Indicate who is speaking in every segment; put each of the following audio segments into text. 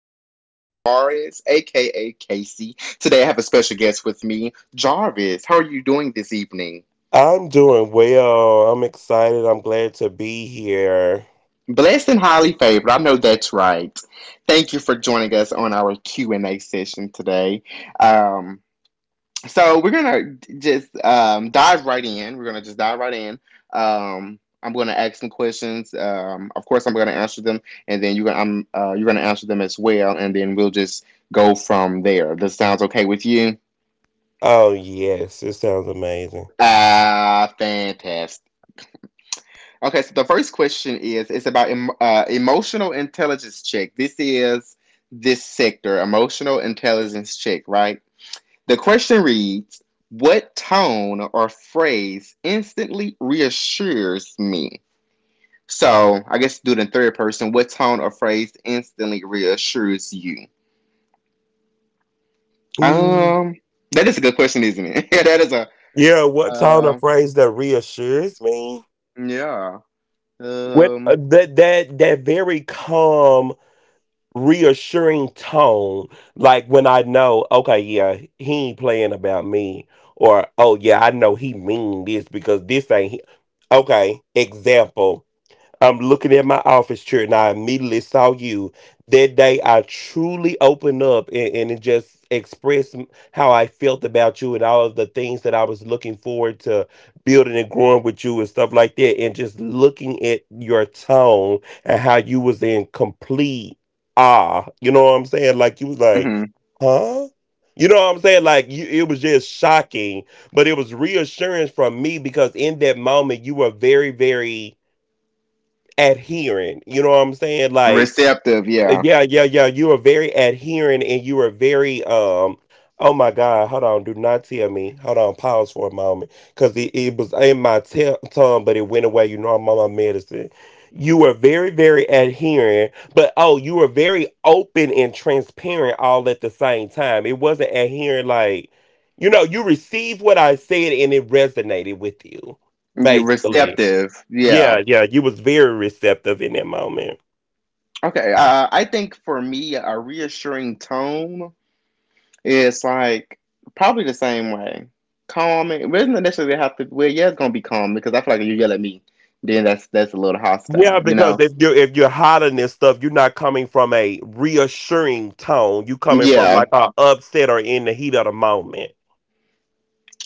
Speaker 1: I am your host, Demarius, aka Casey. Today I have a special guest with me, Jarvis. How are you doing this evening?
Speaker 2: I'm doing well. I'm excited. I'm glad to be here.
Speaker 1: Blessed and highly favored. I know that's right. Thank you for joining us on our Q and A session today. Um, so we're gonna just dive right in. We're gonna just dive right in. I'm gonna ask some questions. Of course, I'm gonna answer them, and then you're gonna answer them as well, and then we'll just go from there. This sounds okay with you?
Speaker 2: Oh, yes. It sounds amazing.
Speaker 1: Ah, fantastic. Okay, so the first question is it's about emotional intelligence check. This sector, emotional intelligence check, right? The question reads, what tone or phrase instantly reassures me? So I guess do it in third person. What tone or phrase instantly reassures you?
Speaker 2: Mm.
Speaker 1: Um, that is a good question, isn't it? that is a,
Speaker 2: Yeah, what tone of
Speaker 1: uh,
Speaker 2: phrase that reassures me?
Speaker 1: yeah.
Speaker 2: What
Speaker 1: Um,
Speaker 2: That very calm, reassuring tone, like when I know, okay, yeah, he ain't playing about me, or oh yeah, I know he mean this because this ain't. He. Okay, example. I'm looking at my office chair and I immediately saw you. That day, I truly opened up and it just expressed how I felt about you and all of the things that I was looking forward to building and growing with you and stuff like that. And just looking at your tone and how you was in complete awe. You know what I'm saying? Like you was like,
Speaker 1: mhm.
Speaker 2: huh? You know what I'm saying? Like you, it was just shocking, but it was reassurance from me because in that moment you were very, very adhering. You know what I'm saying? Like,
Speaker 1: Receptive, yeah.
Speaker 2: yeah, yeah, yeah. You are very adhering and you are very oh my God, hold on, do not tell me. Hold on, pause for a moment. Cause it was in my tongue, but it went away. You know I'm on my medicine. You were very, very adherent, but oh, you were very open and transparent all at the same time. It wasn't adhering like you know, you received what I said and it resonated with you,
Speaker 1: You're
Speaker 2: basically.
Speaker 1: receptive,
Speaker 2: Yeah,
Speaker 1: yeah.
Speaker 2: yeah, you was very receptive in that moment.
Speaker 1: Okay, I think for me, a reassuring tone, it's like probably the same way. Calming. It doesn't necessarily have to. Well, yeah, it's gonna be calm because I feel like if you yell at me, then that's a little
Speaker 2: Yeah,
Speaker 1: hostile, you
Speaker 2: because
Speaker 1: know.
Speaker 2: if you're hiding this stuff, you're not coming from a reassuring tone. You coming from
Speaker 1: Yeah,
Speaker 2: like a upset or in the heat of the moment.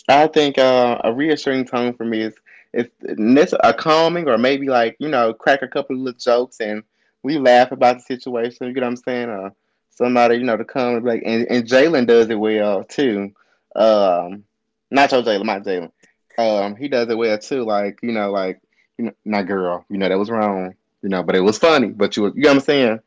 Speaker 1: I think a reassuring tone for me is a calming, or maybe like, you know, crack a couple of little jokes and we laugh about the situation. You get what I'm saying? Somebody, you know, to come and be like, and Jalen does it well too. Um, Not your Jalen, my Jalen. He does it well too. Like, you know, like, you know, not girl. You know that was wrong. You know, but it was funny. But you, was- you know what I'm saying?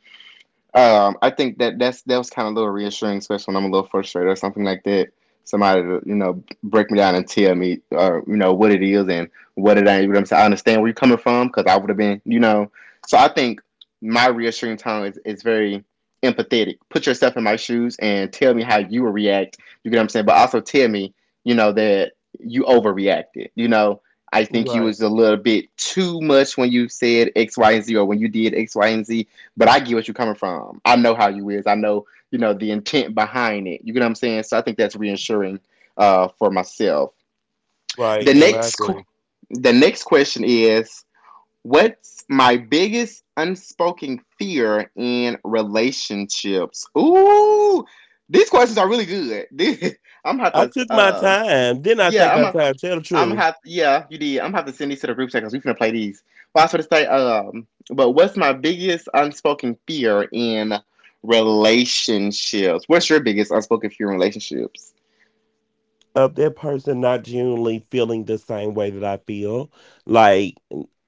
Speaker 1: I think that that was kind of a little reassuring, especially when I'm a little frustrated or something like that. Somebody to, you know, break me down and tell me, or you know what it is and what it ain't. You know what I'm saying? I understand where you're coming from because I would have been, you know. So I think my reassuring tone is very empathetic. Put yourself in my shoes and tell me how you would react. You get what I'm saying? But also tell me, you know, that you overreacted. You know, I think you
Speaker 2: Right,
Speaker 1: was a little bit too much when you said X, Y, and Z, or when you did X, Y, and Z, but I get what you're coming from. I know how you is. I know, you know, the intent behind it. You get what I'm saying? So I think that's reassuring, for myself.
Speaker 2: right,
Speaker 1: The
Speaker 2: and I
Speaker 1: next, qu-
Speaker 2: agree.
Speaker 1: the next question is, what's my biggest unspoken fear in relationships? Ooh, these questions are really good. I'm about
Speaker 2: I
Speaker 1: to,
Speaker 2: took my time. Didn't I
Speaker 1: yeah,
Speaker 2: take
Speaker 1: I'm
Speaker 2: my
Speaker 1: a,
Speaker 2: time? Tell the
Speaker 1: I'm
Speaker 2: truth.
Speaker 1: have yeah, You did. I'm gonna have to send these to the group chat because we finna play these. Well, I was gonna say, but what's my biggest unspoken fear in relationships? What's your biggest unspoken fear in relationships?
Speaker 2: Of that person not genuinely feeling the same way that I feel. Like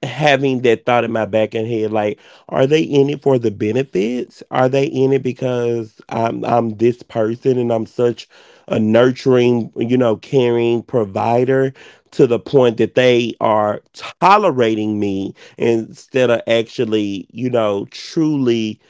Speaker 2: having that thought in my back and head, like, are they in it for the benefits? Are they in it because I'm this person and I'm such a nurturing, you know, caring provider to the point that they are tolerating me instead of actually, you know, truly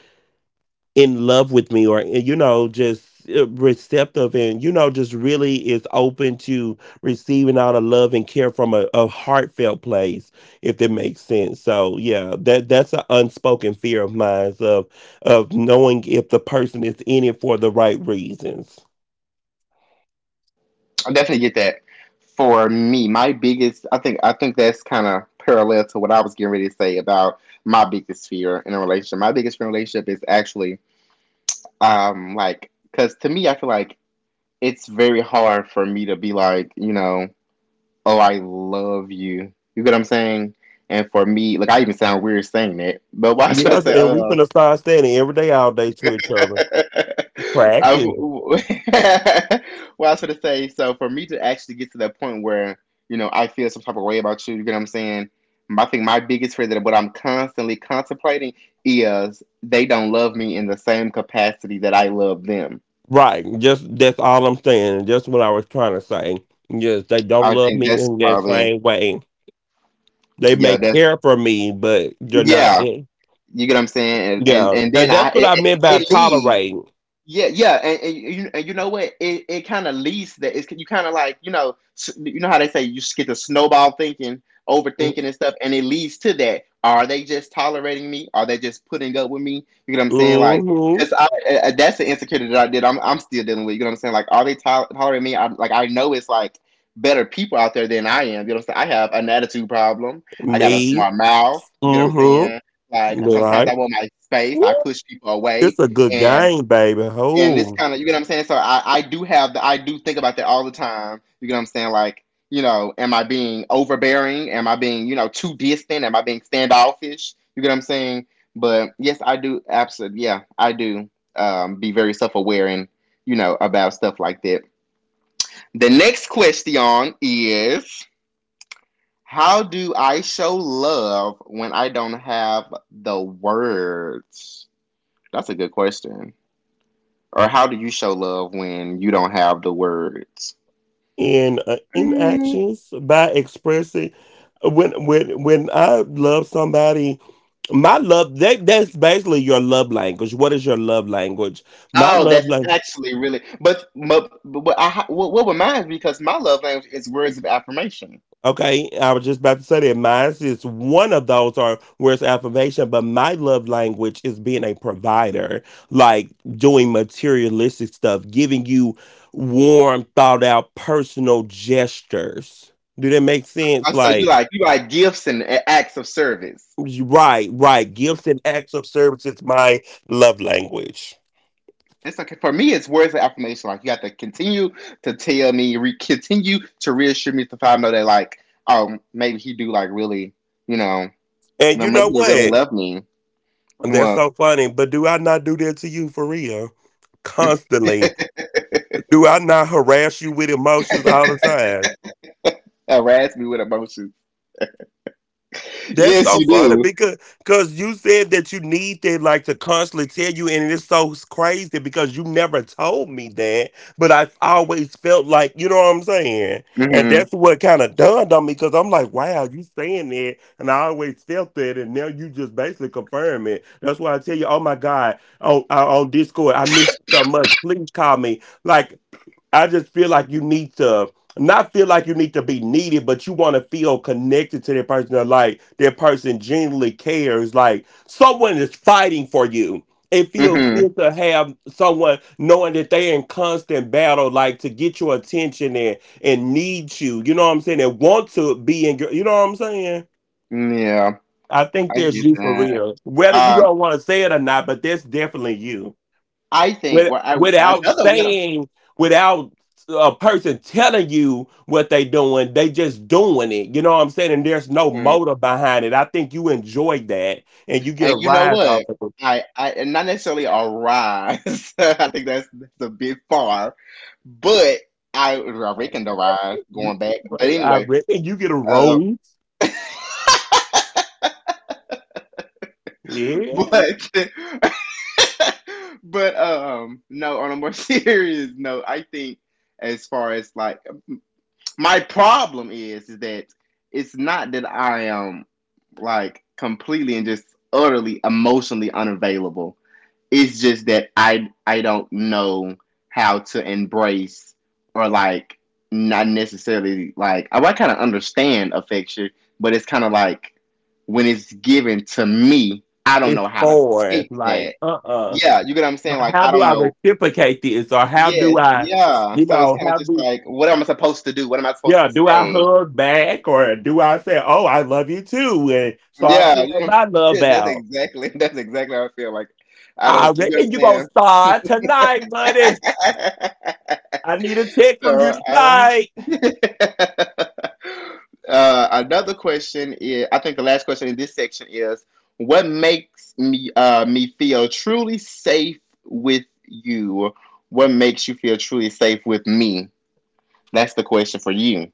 Speaker 2: in love with me or you know just receptive and you know just really is open to receiving all the love and care from a heartfelt place if that makes sense, so yeah, that's an unspoken fear of mine of knowing if the person is in it for the right reasons.
Speaker 1: I definitely get that. For me, my biggest, I think that's kind of parallel to what I was getting ready to say about my biggest fear in a relationship. My biggest fear in a relationship is actually, like, because to me, I feel like it's very hard for me to be like, you know, oh, I love you. You get what I'm saying? And for me, like, I even sound weird saying that, but why should I
Speaker 2: Yes,
Speaker 1: say,
Speaker 2: and we finna start standing every day all day to each other practice.
Speaker 1: I, why should I say, so for me to actually get to that point where, you know, I feel some type of way about you, you get what I'm saying? I think my biggest fear that what I'm constantly contemplating is they don't love me in the same capacity that I love them.
Speaker 2: Right, just that's all I'm saying and just what I was trying to say. Yes, they don't
Speaker 1: I
Speaker 2: love
Speaker 1: think
Speaker 2: me
Speaker 1: that's
Speaker 2: in that
Speaker 1: probably,
Speaker 2: same way. They
Speaker 1: yeah,
Speaker 2: may
Speaker 1: that's
Speaker 2: care for me, but they're not
Speaker 1: yeah.
Speaker 2: in.
Speaker 1: You get what I'm saying, and and,
Speaker 2: Yeah.
Speaker 1: and then
Speaker 2: And
Speaker 1: I
Speaker 2: that's what
Speaker 1: it,
Speaker 2: I
Speaker 1: it
Speaker 2: meant by
Speaker 1: it leads.
Speaker 2: tolerating.
Speaker 1: Yeah, yeah, and you, and you know what? It kind of leads to that. It's, you kind of like, you know, s- you know how they say you s- get the snowball thinking, overthinking and stuff, and it leads to that. Are they just tolerating me? Are they just putting up with me? You know what I'm saying? Like,
Speaker 2: Hmm.
Speaker 1: because that's the insecurity that I did. I'm still dealing with. You know what I'm saying? Like, are they tol- tolerating me? I'm like, I know it's like better people out there than I am. You know what I'm saying? I have an attitude problem. I got a
Speaker 2: Me.
Speaker 1: smart mouth. You get what I'm saying? Like
Speaker 2: Mm-hmm.
Speaker 1: sometimes I
Speaker 2: Right.
Speaker 1: want my space. I
Speaker 2: Ooh,
Speaker 1: push people away,
Speaker 2: it's a good game, baby.
Speaker 1: and this
Speaker 2: Who
Speaker 1: kind of, you know what I'm saying. So I do have the, I do think about that all the time. You know what I'm saying? Like, you know, am I being overbearing? Am I being, you know, too distant? Am I being standoffish? You get what I'm saying? But yes, I do. Absolutely, yeah, I do. Be very self aware and you know about stuff like that. The next question is, how do I show love when I don't have the words? That's a good question. Or how do you show love when you don't have the words?
Speaker 2: in
Speaker 1: Mm.
Speaker 2: inactions by expressing when I love somebody, my love that that's basically your love language. What is your love language? My
Speaker 1: Oh,
Speaker 2: love
Speaker 1: that's
Speaker 2: language.
Speaker 1: actually really. But I what reminds me because my love language is words of affirmation.
Speaker 2: Okay, I was just about to say that mine is one of those or where it's affirmation, but my love language is being a provider, like doing materialistic stuff, giving you warm, thought out, personal gestures. Do that make sense?
Speaker 1: So you
Speaker 2: Like,
Speaker 1: like, you like gifts and a- acts of service.
Speaker 2: right, right. Gifts and acts of service is my love language.
Speaker 1: It's okay for me. It's words of affirmation. Like you have to continue to tell me, re- continue to reassure me to find know that like, um, maybe he do like really, you know, you
Speaker 2: And
Speaker 1: know,
Speaker 2: you know
Speaker 1: maybe he really
Speaker 2: what?
Speaker 1: love me.
Speaker 2: That's
Speaker 1: Well,
Speaker 2: so funny, but do I not do that to you for real? Constantly. Do I not harass you with emotions all the time?
Speaker 1: harass me with emotions.
Speaker 2: That's
Speaker 1: Yes,
Speaker 2: so
Speaker 1: you
Speaker 2: funny
Speaker 1: do.
Speaker 2: because you said that you need to like to constantly tell you, and it's so crazy because you never told me that, but I always felt like you know what I'm saying, and that's
Speaker 1: Mm-hmm.
Speaker 2: what kind of dawned on me because I'm like, wow, you saying that, and I always felt that, and now you just basically confirm it. That's why I tell you, oh my God, on Discord, I miss you so much. Please call me. Like I just feel like you need to not feel like you need to be needed, but you want to feel connected to that person. Or like that person genuinely cares. Like someone is fighting for you. It feels
Speaker 1: Mm-hmm.
Speaker 2: good to have someone knowing that they're in constant battle, like to get your attention and need you. You know what I'm saying? And want to be in your. You know what I'm saying?
Speaker 1: Yeah,
Speaker 2: I think
Speaker 1: I
Speaker 2: that's
Speaker 1: get
Speaker 2: you for
Speaker 1: that.
Speaker 2: real. Whether you
Speaker 1: Um,
Speaker 2: don't want to say it or not, but that's definitely you
Speaker 1: I think,
Speaker 2: with,
Speaker 1: well, I
Speaker 2: without
Speaker 1: another one of,
Speaker 2: saying, without a person telling you what they doing, they just doing it. You know what I'm saying? And there's no
Speaker 1: mhm,
Speaker 2: motive behind it. I think you enjoy that, and you get
Speaker 1: and
Speaker 2: a
Speaker 1: you know
Speaker 2: rise out
Speaker 1: what?
Speaker 2: of
Speaker 1: I and not necessarily a rise. I think that's a bit far, but I reckon
Speaker 2: it.
Speaker 1: the rise
Speaker 2: You,
Speaker 1: going back. But
Speaker 2: I
Speaker 1: anyway,
Speaker 2: reckon you get a
Speaker 1: uh,
Speaker 2: rose. Yeah,
Speaker 1: but but no. On a more serious note, I think as far as like my problem is that it's not that I am like completely and just utterly emotionally unavailable. It's just that I don't know how to embrace or like, not necessarily like, I kind of understand affection, but it's kind of like when it's given to me, I don't know
Speaker 2: it's
Speaker 1: how to
Speaker 2: foreign.
Speaker 1: take that.
Speaker 2: Like,
Speaker 1: Yeah, you get what I'm saying? Like
Speaker 2: How
Speaker 1: I
Speaker 2: do
Speaker 1: don't
Speaker 2: I
Speaker 1: know.
Speaker 2: reciprocate this, or how
Speaker 1: Yes,
Speaker 2: do I,
Speaker 1: yeah.
Speaker 2: you
Speaker 1: So it's
Speaker 2: know,
Speaker 1: kind of
Speaker 2: how
Speaker 1: just
Speaker 2: do?
Speaker 1: like, what am I supposed to do? What am I supposed
Speaker 2: Yeah,
Speaker 1: to
Speaker 2: do I
Speaker 1: say?
Speaker 2: hug back or do I say, "Oh, I love you too," and start
Speaker 1: Yeah, you
Speaker 2: pouring
Speaker 1: know, what
Speaker 2: my
Speaker 1: I'm
Speaker 2: love
Speaker 1: saying?
Speaker 2: out?
Speaker 1: That's exactly how I feel. Like I
Speaker 2: I
Speaker 1: don't, you know
Speaker 2: reckon you gonna
Speaker 1: what
Speaker 2: start tonight,
Speaker 1: I'm
Speaker 2: buddy.
Speaker 1: saying?
Speaker 2: I need a tip from you
Speaker 1: So I don't.
Speaker 2: tonight.
Speaker 1: Another question is, I think the last question in this section is, what makes me feel truly safe with you? What makes you feel truly safe with me? That's the question for you.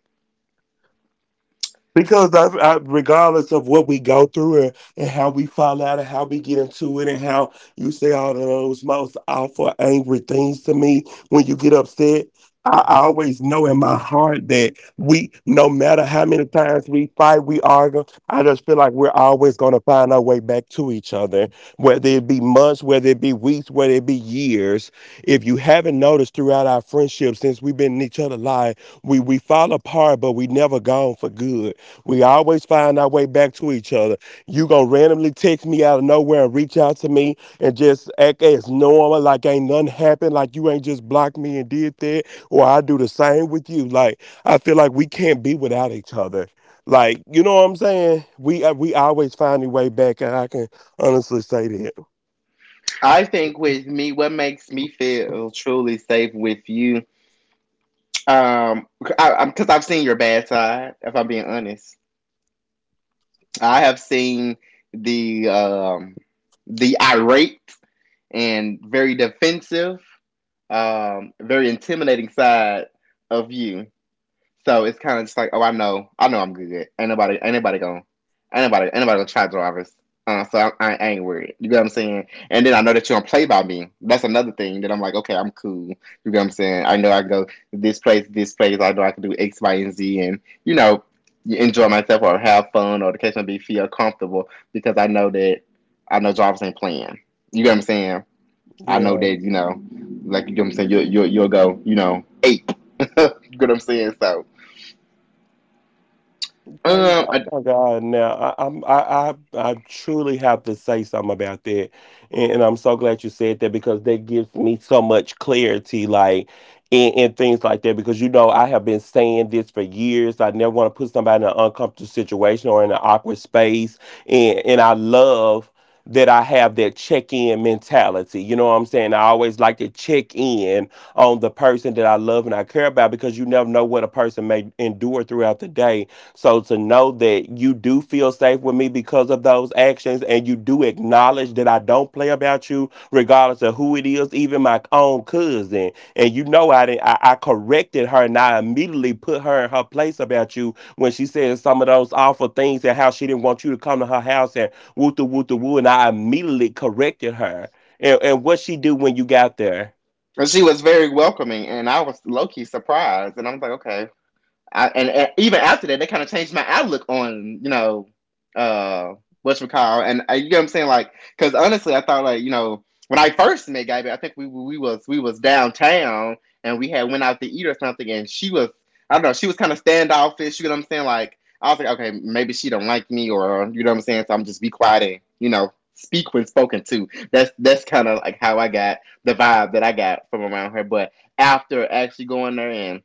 Speaker 2: Because I, regardless of what we go through and how we fall out and how we get into it and how you say all of those most awful, angry things to me when you get upset, I always know in my heart that we, no matter how many times we fight, we argue, I just feel like we're always going to find our way back to each other, whether it be months, whether it be weeks, whether it be years. If you haven't noticed throughout our friendship since we've been in each other's life, we fall apart, but we never gone for good. We always find our way back to each other. You gonna randomly text me out of nowhere and reach out to me and just act as normal, like ain't nothing happened, like you ain't just blocked me and did that, or I do the same with you. Like I feel like we can't be without each other. Like you know what I'm saying? We always find a way back, and I can honestly say that.
Speaker 1: I think with me, what makes me feel truly safe with you, Um, because I've seen your bad side. If I'm being honest, I have seen the um the irate and very defensive, very intimidating side of you. So it's kind of just like, oh, I know, I'm good. Ain't nobody gonna, ain't nobody gonna try drivers. I ain't worried. You get what I'm saying? And then I know that you don't play by me. That's another thing that I'm like, okay, I'm cool. You get what I'm saying? I know I go this place. I know I can do X, Y, and Z, and you know, you enjoy myself or have fun or the case may be, feel comfortable because I know that I know drivers ain't playing. You get what I'm saying? I know
Speaker 2: Yeah.
Speaker 1: that you know, like you get what I'm saying. You'll go, you know, eight. You get what I'm saying? So.
Speaker 2: Praise,
Speaker 1: Um,
Speaker 2: oh
Speaker 1: I,
Speaker 2: my God! Now I truly have to say something about that, and I'm so glad you said that because that gives me so much clarity, like and things like that. Because you know I have been saying this for years. I never want to put somebody in an uncomfortable situation or in an awkward space, and I love that I have that check in mentality. You know what I'm saying? I always like to check in on the person that I love and I care about because you never know what a person may endure throughout the day, so to know that you do feel safe with me because of those actions and you do acknowledge that I don't play about you, regardless of who it is, even my own cousin. And you know I didn't I corrected her and I immediately put her in her place about you when she said some of those awful things and how she didn't want you to come to her house and woo the woo the woo, and I immediately corrected her. And what she do when you got there?
Speaker 1: and she was very welcoming, and I was low key surprised, and I was like, okay, and even after that, they kind of changed my outlook on, you know, uh what's recall, and you know what I'm saying, like because honestly, I thought, like, you know, when I first met Gabby, I think we was downtown, and we had went out to eat or something, and she was, I don't know, she was kind of standoffish. You know what I'm saying like. I was like, okay, maybe she don't like me, or you know what I'm saying. So I'm just be quiet and speak when spoken to. That's kind of like how I got the vibe that I got from around her. But after actually going there and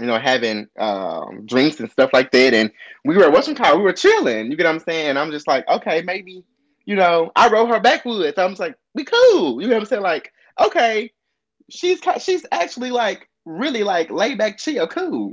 Speaker 1: having drinks and stuff like that. And we were at Western Car, we were chilling. You get what I'm saying? I'm just like, okay, maybe, I rode her backwoods. I'm just like, we cool. You know what I'm saying? Like, okay, she's actually like really like laid back, chill, cool.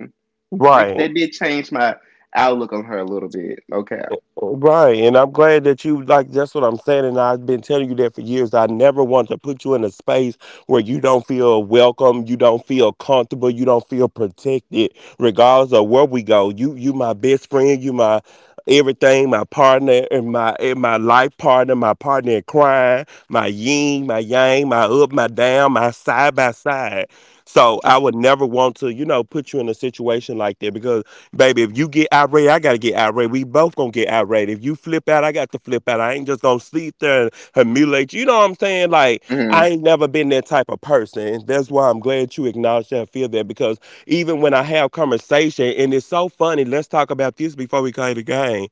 Speaker 1: That,
Speaker 2: Right.
Speaker 1: that did change my outlook on her a little bit. Okay.
Speaker 2: Right, and I'm glad that you like. That's what I'm saying, and I've been telling you that for years. I never want to put you in a space where you don't feel welcome, you don't feel comfortable, you don't feel protected, regardless of where we go. You, my best friend, you my everything, my partner, and my life partner, my partner in crime, my yin, my yang, my up, my down, my side by side. So I would never want to, you know, put you in a situation like that because. Baby, if you get irate, I gotta get irate. We both gonna get irate. If you flip out, I got to flip out. I ain't just gonna sit there and humiliate you. You know what I'm saying? Like,
Speaker 1: Hmm.
Speaker 2: I ain't never been that type of person. That's why I'm glad you acknowledge that and feel that because even when I have conversation, and it's so funny, let's talk about this before we call it a game.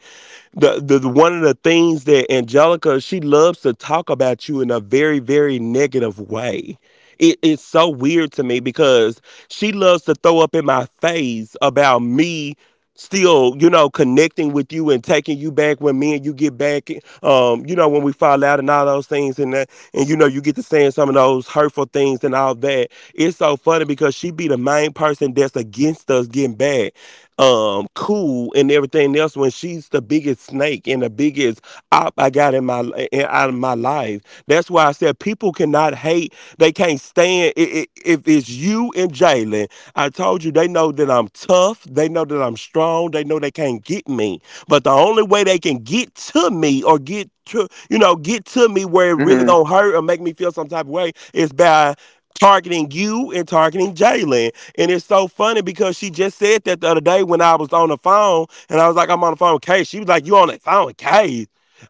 Speaker 2: The one of the things that Angelica, she loves to talk about you in a very, very negative way. It's so weird to me because she loves to throw up in my face about me still connecting with you and taking you back when me and you get back, when we fall out and all those things and that, and you get to saying some of those hurtful things and all that. It's so funny because she be the main person that's against us getting back cool and everything else, when she's the biggest snake and the biggest op I got in my out of my life. That's why I said people cannot hate. They can't stand I if it's you and Jalen. I told you, they know that I'm tough. They know that I'm strong. They know they can't get me. But the only way they can get to me, or get to, get to me where it really
Speaker 1: Hmm.
Speaker 2: gonna hurt or make me feel some type of way, is by targeting you and targeting Jalen. And it's so funny because she just said that the other day when I was on the phone, and I was like, I'm on the phone with Kay. She was like, you on the phone with Kay?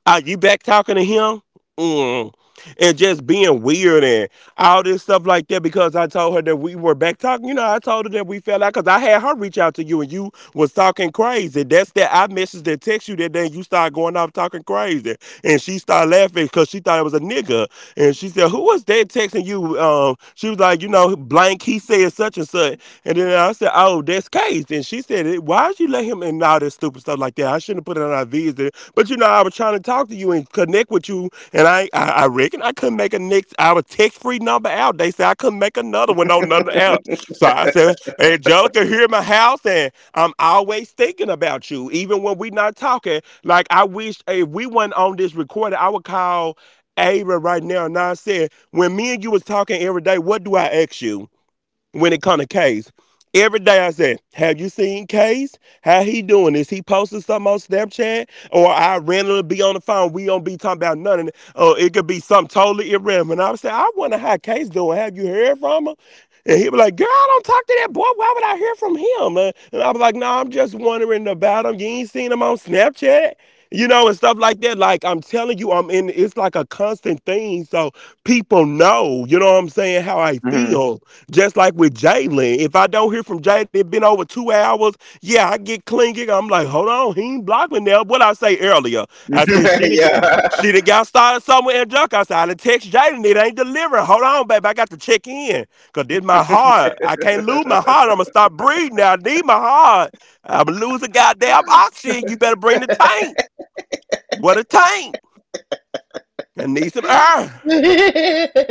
Speaker 2: Are you back talking to him? Mm. And just being weird and all this stuff like that, because I told her that we were back talking. You know, I told her that we fell out because I had her reach out to you and you was talking crazy. That's that I messaged and text you, that then you start going off talking crazy. And she started laughing because she thought it was a nigga. And she said, who was that texting you? She was like, you know, blank, he said such and such. And then I said, oh, that's Case. And she said, eh, why did you let him, and all this stupid stuff like that. I shouldn't have put it on our visit, but you know, I was trying to talk to you and connect with you. And I reckon I couldn't make a next our text free number out. They said I couldn't make another one on another app. So I said, Angelica here in my house, and I'm always thinking about you, even when we not talking. Like, I wish, if we weren't on this recording, I would call Ava right now. Now I said, when me and you was talking every day, what do I ask you? When it come to Case. Every day I said, have you seen Case? How he doing? Is he posting something on Snapchat? Or I randomly be on the phone, we don't be talking about nothing, or it could be something totally irrelevant, I would say, I wonder how Case doing. Have you heard from him? And he'd be like, girl, I don't talk to that boy, why would I hear from him? And I was like, no, nah, I'm just wondering about him. You ain't seen him on Snapchat? You know, and stuff like that. Like, I'm telling you, I'm in it's like a constant thing. So people know, you know what I'm saying, how I
Speaker 1: Hmm.
Speaker 2: feel. Just like with Jalen, if I don't hear from Jaden, it been over 2 hours, yeah, I get clinging. I'm like, hold on, he ain't blocking now. What I say earlier, I said she done get, she
Speaker 1: Yeah.
Speaker 2: done got started somewhere in junk. I said I done text Jaden, it ain't delivering. Hold on, baby, I got to check in, cause this my heart. I can't lose my heart. I'ma stop breathing now. I need my heart. I'ma lose a goddamn oxygen. You better bring the tank. What a tank. I need some air.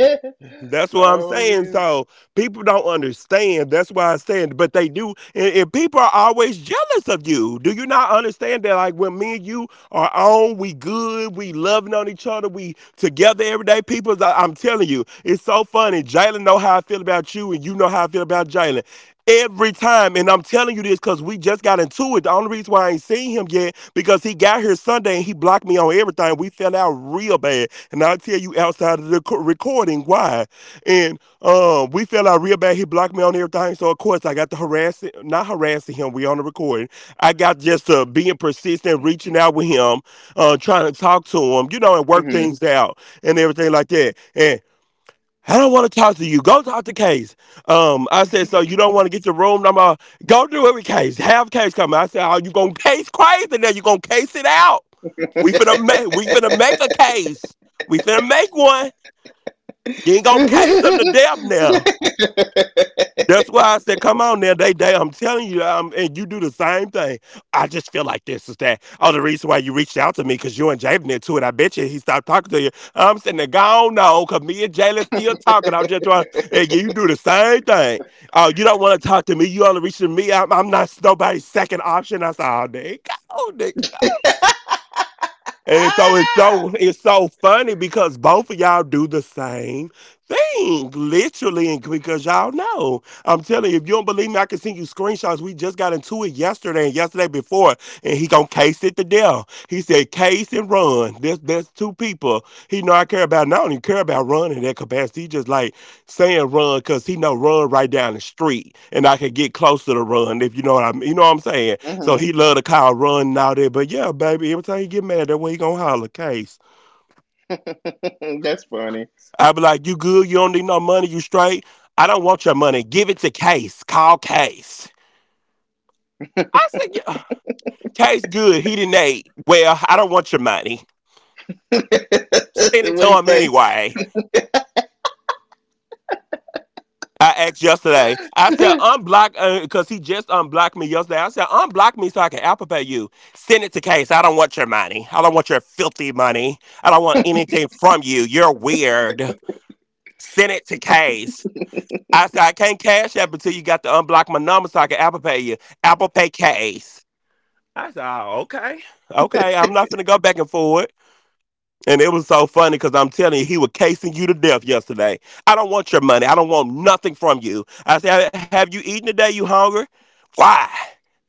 Speaker 2: That's what I'm
Speaker 1: Oh
Speaker 2: saying.
Speaker 1: yeah.
Speaker 2: So people don't understand. That's why I said, but they do. And people are always jealous of you. Do you not understand that? Like, when me and you are on, we good, we loving on each other, we together every day. People, I'm telling you, it's so funny. Jalen know how I feel about you, and you know how I feel about Jalen. Every time. And I'm telling you this because we just got into it. The only reason why I ain't seen him yet, because he got here Sunday and he blocked me on everything. We fell out real bad. And I'll tell you outside of the recording why. And we fell out real bad. He blocked me on everything. So, of course, I got to harassing, not harassing him. We on the recording. I got just being persistent, reaching out with him, trying to talk to him, you know, and work
Speaker 1: Hmm.
Speaker 2: things out and everything like that. And I don't want to talk to you, go talk to Case. I said, so you don't want to get your room number? Go do it with Case. Have Case come. I said, oh, you gonna case crazy now? You gonna case it out? We finna make. We finna make a case. We finna make one. You ain't gonna case them to
Speaker 1: Hmm.
Speaker 2: death now. That's why I said, come on now, they. I'm telling you, and you do the same thing. I just feel like this is that. Oh, the reason why you reached out to me because you and Jalen into it. I bet you he stopped talking to you. I'm sitting there gone, no, because me and Jalen still talking. I'm just trying, and you do the same thing. Oh, you don't want to talk to me. You only reaching me. I'm not nobody's second option. I said, oh, nigga, oh, nigga. And so it's so it's so funny because both of y'all do the same thing, literally, and because y'all know. I'm telling you, if you don't believe me, I can send you screenshots. We just got into it yesterday and yesterday before, and he gonna case it to death. He said, Case and run. There's two people he know I care about. And I don't even care about run in that capacity. He just like saying run because he know run right down the street, and I can get closer to run if you know what I mean. You know what I'm saying? So he love the cow running out there. But yeah, baby, every time he get mad, that way he gonna holler Case.
Speaker 1: That's funny.
Speaker 2: I be like, you good? You don't need no money? You straight? I don't want your money. Give it to Case. Call Case. I said, yeah, Case good. He didn't eat. Well, I don't want your money. Send it
Speaker 1: What
Speaker 2: to
Speaker 1: do you
Speaker 2: him
Speaker 1: say?
Speaker 2: anyway. I asked yesterday. I said, unblock, because he just unblocked me yesterday. I said, unblock me so I can Apple Pay you. Send it to Case. I don't want your money. I don't want your filthy money. I don't want anything from you. You're weird. Send it to Case. I said, I can't cash app, until you got to unblock my number so I can Apple Pay you. Apple Pay Case. I said, oh, okay. Okay, I'm not finna go back and forward. And it was so funny because I'm telling you, he was casing you to death yesterday. I don't want your money. I don't want nothing from you. I said, have you eaten today? You hungry? Why?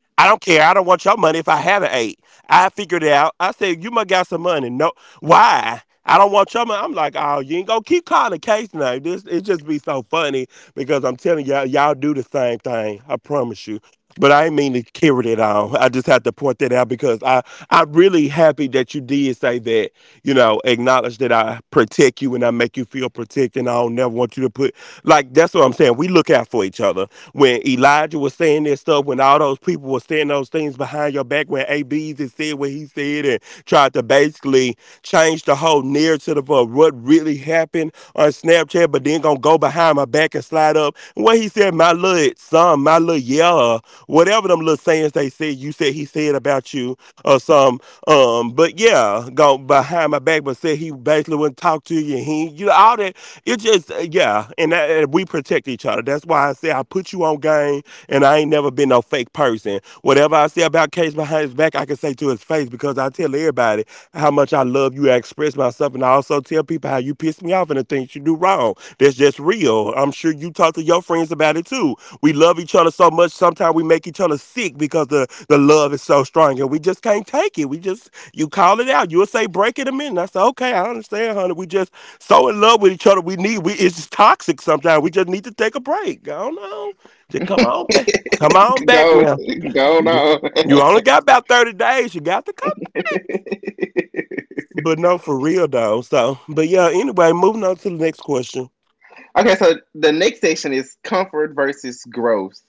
Speaker 2: I don't care. I don't want your money if I haven't ate. I figured it out. I said, you must got some money. No. Why? I don't want your money. I'm like, oh, you ain't gonna keep calling Case now. This it just be so funny because I'm telling y'all, y'all do the same thing. I promise you. But I ain't mean to carry it on. I just have to point that out because I'm really happy that you did say that. You know, acknowledge that I protect you and I make you feel protected. And I don't never want you to put, like, that's what I'm saying. We look out for each other. When Elijah was saying that stuff, when all those people were saying those things behind your back, when ABs and said what he said, and tried to basically change the whole narrative of what really happened on Snapchat, but then gonna go behind my back and slide up. And what he said, my little son, my little, yeah, whatever them little sayings they said, you said he said about you or some. But yeah, go behind my back, but said he basically wouldn't talk to you. He, you know, all that. It just yeah, and we protect each other. That's why I say I put you on game, and I ain't never been no fake person. Whatever I say about Case behind his back, I can say to his face, because I tell everybody how much I love you. I express myself, and I also tell people how you piss me off and the things you do wrong. That's just real. I'm sure you talk to your friends about it too. We love each other so much. Sometimes we make each other sick because the love is so strong and we just can't take it. You call it out. You'll say, break it a minute. I say, okay, I understand, honey. We just so in love with each other. It's just toxic sometimes. We just need to take a break. I don't know. Just come on back. Come on back
Speaker 1: go,
Speaker 2: now.
Speaker 1: go
Speaker 2: You only
Speaker 1: on.
Speaker 2: got about 30 days. You got to come. But no, for real though. Moving on to the next question.
Speaker 1: Okay, so the next section is comfort versus growth.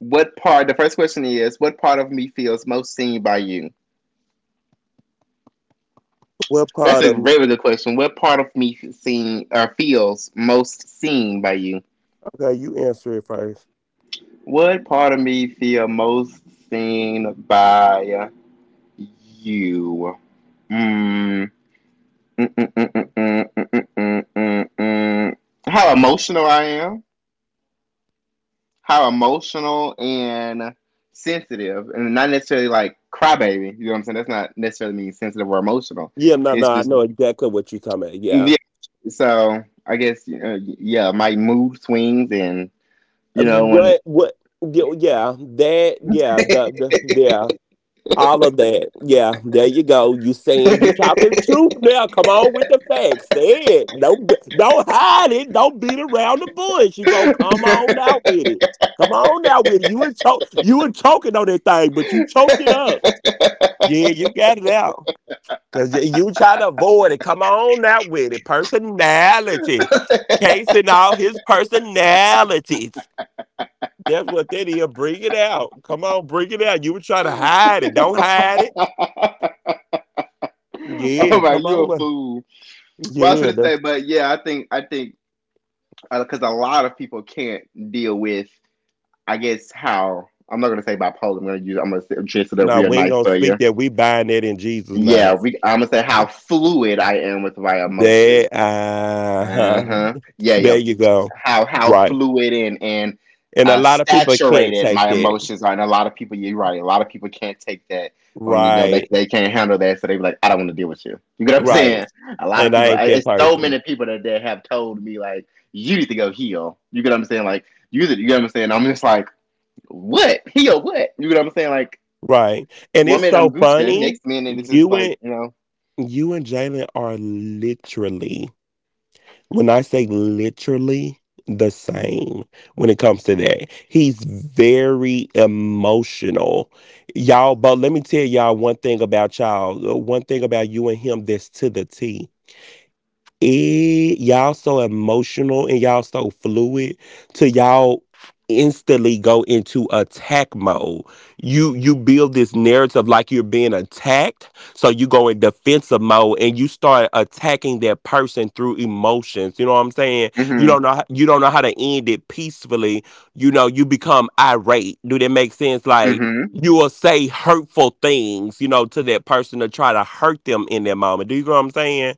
Speaker 1: What part? The first question is, what part of me feels most seen by you?
Speaker 2: What
Speaker 1: That's
Speaker 2: part
Speaker 1: a
Speaker 2: of
Speaker 1: very good question. What part of me seen or feels most seen by you?
Speaker 2: Okay, you answer it first.
Speaker 1: What part of me feel most seen by you? Mm. Mm, mm. How emotional I am. How emotional and sensitive, and not necessarily like crybaby. You know what I'm saying? That's not necessarily mean sensitive or emotional.
Speaker 2: Yeah, no, no,
Speaker 1: It's
Speaker 2: I
Speaker 1: just
Speaker 2: know exactly what you're talking about. Yeah.
Speaker 1: yeah. So I guess yeah, my mood swings, and you know when.
Speaker 2: What, yeah, well, yeah, that, yeah, the, yeah, All of that. Yeah, there you go. You saying you talking truth now? Come on with the facts. Say it. Don't hide it. Don't beat around the bush. You gonna come on out with it. Come on out with it. You were choking on that thing, but you choked it up. Yeah, you got it out. Cause you try to avoid it. Come on now with it. Personality. Casing all his personalities. That's what that is. Bring it out. Come on, bring it out. You were trying to hide it. Don't hide it.
Speaker 1: Oh
Speaker 2: Yeah,
Speaker 1: my,
Speaker 2: come
Speaker 1: you
Speaker 2: on.
Speaker 1: a
Speaker 2: with-
Speaker 1: fool. Well, I was
Speaker 2: Yeah.
Speaker 1: gonna say,
Speaker 2: That's,
Speaker 1: but yeah, I think because a lot of people can't deal with, I guess how I'm not gonna say bipolar. I'm gonna say- dress it up
Speaker 2: no,
Speaker 1: real
Speaker 2: we ain't
Speaker 1: nice
Speaker 2: gonna
Speaker 1: for
Speaker 2: speak
Speaker 1: you.
Speaker 2: that. We bind that in Jesus'
Speaker 1: Yeah,
Speaker 2: name.
Speaker 1: I'm gonna say how fluid I am with my emotions.
Speaker 2: There, uh
Speaker 1: Uh
Speaker 2: huh.
Speaker 1: huh. Yeah,
Speaker 2: There
Speaker 1: yeah.
Speaker 2: you go.
Speaker 1: How
Speaker 2: Right.
Speaker 1: fluid and
Speaker 2: And a lot of people can't
Speaker 1: saturated
Speaker 2: take
Speaker 1: my
Speaker 2: that.
Speaker 1: emotions are. And a lot of people, you're right. A lot of people can't take that, or they
Speaker 2: Right.
Speaker 1: they can't handle that, so they be like, I don't want to deal with you. You get what I'm
Speaker 2: Right.
Speaker 1: saying? A lot of
Speaker 2: And I
Speaker 1: people.
Speaker 2: ain't that
Speaker 1: It's so
Speaker 2: person.
Speaker 1: many people that have told me like, you need to go heal. You get what I'm saying? Like, you get what I'm saying? I'm just like, what heal? What you get what I'm saying? Like,
Speaker 2: Right. And
Speaker 1: one
Speaker 2: it's
Speaker 1: minute I'm
Speaker 2: so
Speaker 1: Gucci,
Speaker 2: funny.
Speaker 1: next minute it's just
Speaker 2: You
Speaker 1: like,
Speaker 2: and you and Jalen are literally, when I say literally, the same when it comes to that. He's very emotional. Y'all, but let me tell y'all one thing about y'all. One thing about you and him that's to the T, it y'all so emotional and y'all so fluid, to y'all instantly go into attack mode. You build this narrative like you're being attacked, so you go in defensive mode and you start attacking that person through emotions, you know what I'm saying?
Speaker 1: mm-hmm,
Speaker 2: You don't know how to end it peacefully, you know, you become irate. Do that make sense? Like,
Speaker 1: mm-hmm,
Speaker 2: you will say hurtful things, you know, to that person to try to hurt them in that moment. Do you know what I'm saying?